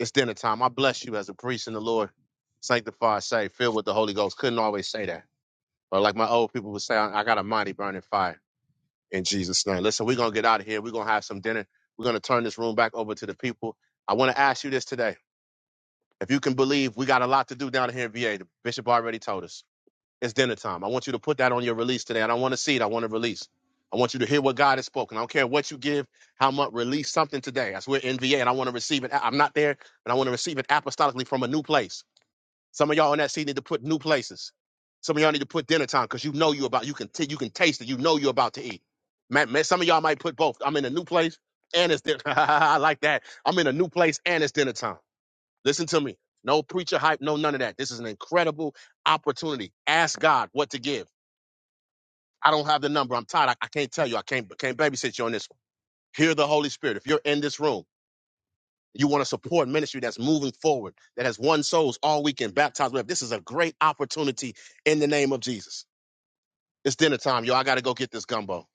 Speaker 2: it's dinner time. I bless you as a priest in the Lord. Sanctify, saved, filled with the Holy Ghost. Couldn't always say that. Or like my old people would say, I I got a mighty burning fire in Jesus' name. Listen, we're gonna get out of here. We're gonna have some dinner. We're gonna turn this room back over to the people. I want to ask you this today. If you can believe, we got a lot to do down here in VA. The bishop already told us. It's dinner time. I want you to put that on your release today. I don't want to see it. I want to release. I want you to hear what God has spoken. I don't care what you give, how much, release something today. That's we're in VA and I want to receive it. I'm not there, and I want to receive it apostolically from a new place. Some of y'all in that seat need to put new places. Some of y'all need to put dinner time because you know you about you can t- you can taste it. You know you're about to eat. Man, man, some of y'all might put both. I'm in a new place and it's dinner. [laughs] I like that. I'm in a new place and it's dinner time. Listen to me. No preacher hype, no none of that. This is an incredible opportunity. Ask God what to give. I don't have the number. I'm tired. I, I can't tell you. I can't can't babysit you on this one. Hear the Holy Spirit. If you're in this room, you want to support ministry that's moving forward, that has won souls all weekend, baptized. Whatever. This is a great opportunity in the name of Jesus. It's dinner time, yo. I got to go get this gumbo.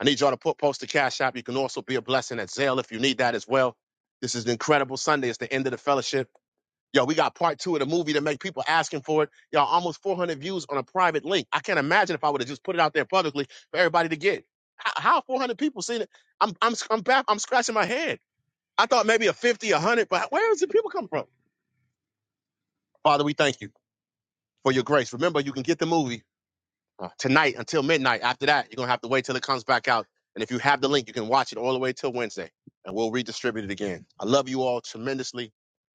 Speaker 2: I need y'all to put post the cash app. You can also be a blessing at Zelle if you need that as well. This is an incredible Sunday. It's the end of the fellowship. Yo, we got part two of the movie to make people asking for it. Y'all, almost 400 views on a private link. I can't imagine if I would have just put it out there publicly for everybody to get. How, how 400 people seen it? I'm I'm I'm back. I'm scratching my head. I thought maybe a 50, a 100, but where is the people come from? Father, we thank you for your grace. Remember, you can get the movie uh, tonight until midnight. After that, you're gonna have to wait till it comes back out. And if you have the link, you can watch it all the way till Wednesday, and we'll redistribute it again. I love you all tremendously.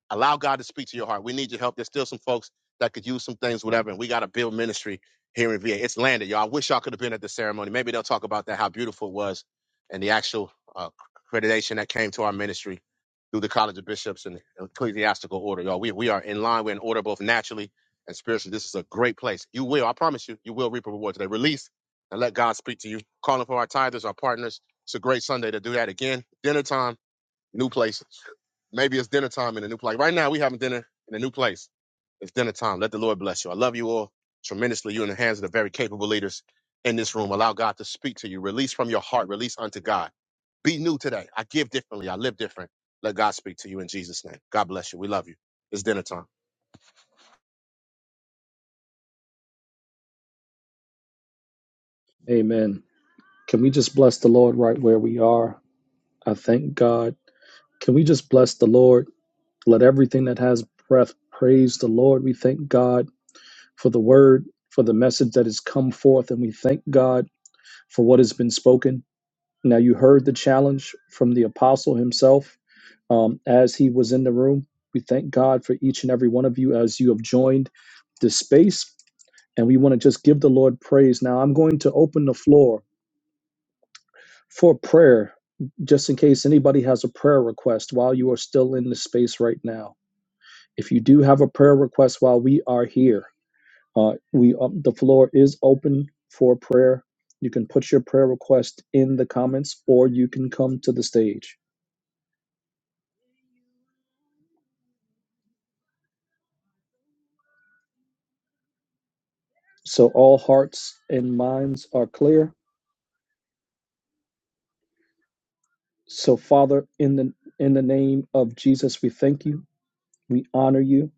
Speaker 2: allow God to speak to your heart. We need your help. There's still some folks that could use some things, whatever. And we got to build ministry here in VA. It's landed, y'all. I wish y'all could have been at the ceremony. Maybe they'll talk about that, how beautiful it was, and the actual uh, accreditation that came to our ministry through the College of Bishops and Ecclesiastical Order, y'all. We we are in line. We're in order both naturally and spiritually. This is a great place. You will, I promise you, you will reap a reward today. Release and let God speak to you. Calling for our tithers, our partners. It's a great Sunday to do that again. Dinner time, new place Maybe it's dinner time in a new place. Right now, we having dinner in a new place. It's dinner time. Let the Lord bless you. I love you all tremendously. You're in the hands of the very capable leaders in this room. Allow God to speak to you. Release from your heart. Release unto God. Be new today. I give differently. I live different. Let God speak to you in Jesus' name. God bless you. We love you. It's dinner time.
Speaker 7: amen. Can we just bless the Lord right where we are? I thank God. Can we just bless the Lord? Let everything that has breath praise the Lord. We thank God for the word, for the message that has come forth, and we thank God for what has been spoken. Now, you heard the challenge from the apostle himself um, as he was in the room. We thank God for each and every one of you as you have joined this space and we want to just give the Lord praise. Now, I'm going to open the floor for prayer just in case anybody has a prayer request while you are still in the space right now. If you do have a prayer request while we are here, uh, we um, the floor is open for prayer. You can put your prayer request in the comments or you can come to the stage. So all hearts and minds are clear. So Father, in the in the name of Jesus, we thank you. We honor you.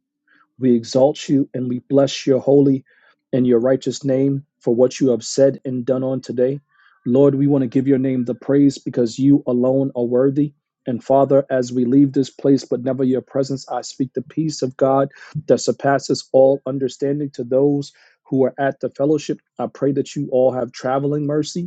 Speaker 7: We exalt you and we bless your holy and your righteous name for what you have said and done on today. Lord, we want to give your name the praise because you alone are worthy. And Father, as we leave this place, but never your presence, I speak the peace of God that surpasses all understanding to those who are at the fellowship. I pray that you all have traveling mercy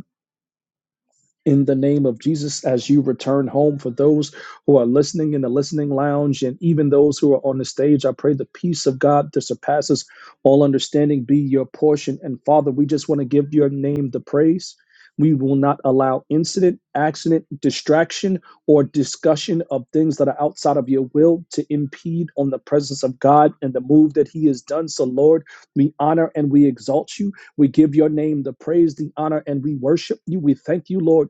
Speaker 7: in the name of Jesus as you return home. For those who are listening in the listening lounge and even those who are on the stage, I pray the peace of God that surpasses all understanding be your portion. And Father, we just want to give your name the praise. We will not allow incident, accident, distraction, or discussion of things that are outside of your will to impede on the presence of God and the move that He has done. So, Lord, we honor and we exalt you. We give your name the praise, the honor, and we worship you. We thank you, Lord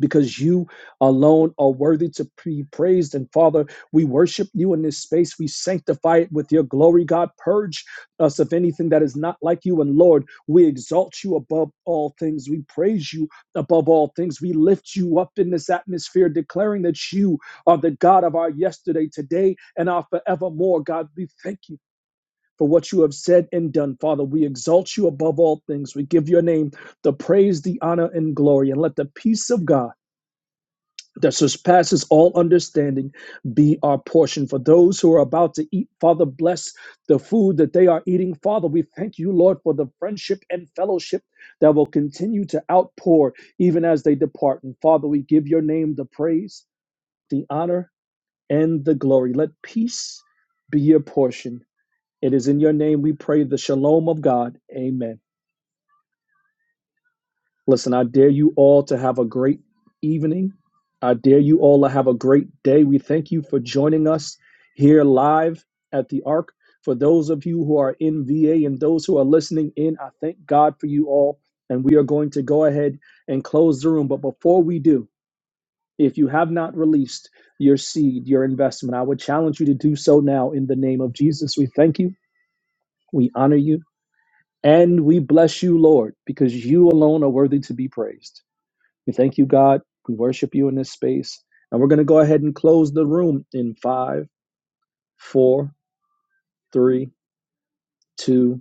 Speaker 7: because you alone are worthy to be praised. And Father, we worship you in this space. We sanctify it with your glory, God. Purge us of anything that is not like you. And Lord, we exalt you above all things. We praise you above all things. We lift you up in this atmosphere, declaring that you are the God of our yesterday, today, and our forevermore. God, we thank you. For what you have said and done, Father, we exalt you above all things. We give your name the praise, the honor, and glory. And let the peace of God that surpasses all understanding be our portion. For those who are about to eat, Father, bless the food that they are eating. Father, we thank you, Lord, for the friendship and fellowship that will continue to outpour even as they depart. And Father, we give your name the praise, the honor, and the glory. Let peace be your portion. It is in your name we pray the shalom of God. Amen. Listen, I dare you all to have a great evening. I dare you all to have a great day. We thank you for joining us here live at the Ark. For those of you who are in VA and those who are listening in, I thank God for you all. And we are going to go ahead and close the room. But before we do, if you have not released your seed, your investment, I would challenge you to do so now in the name of Jesus. We thank you, we honor you, and we bless you, Lord, because you alone are worthy to be praised. We thank you, God. We worship you in this space. And we're going to go ahead and close the room in five, four, three, two,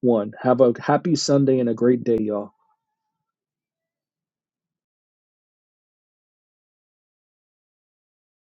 Speaker 7: one. Have a happy Sunday and a great day, y'all.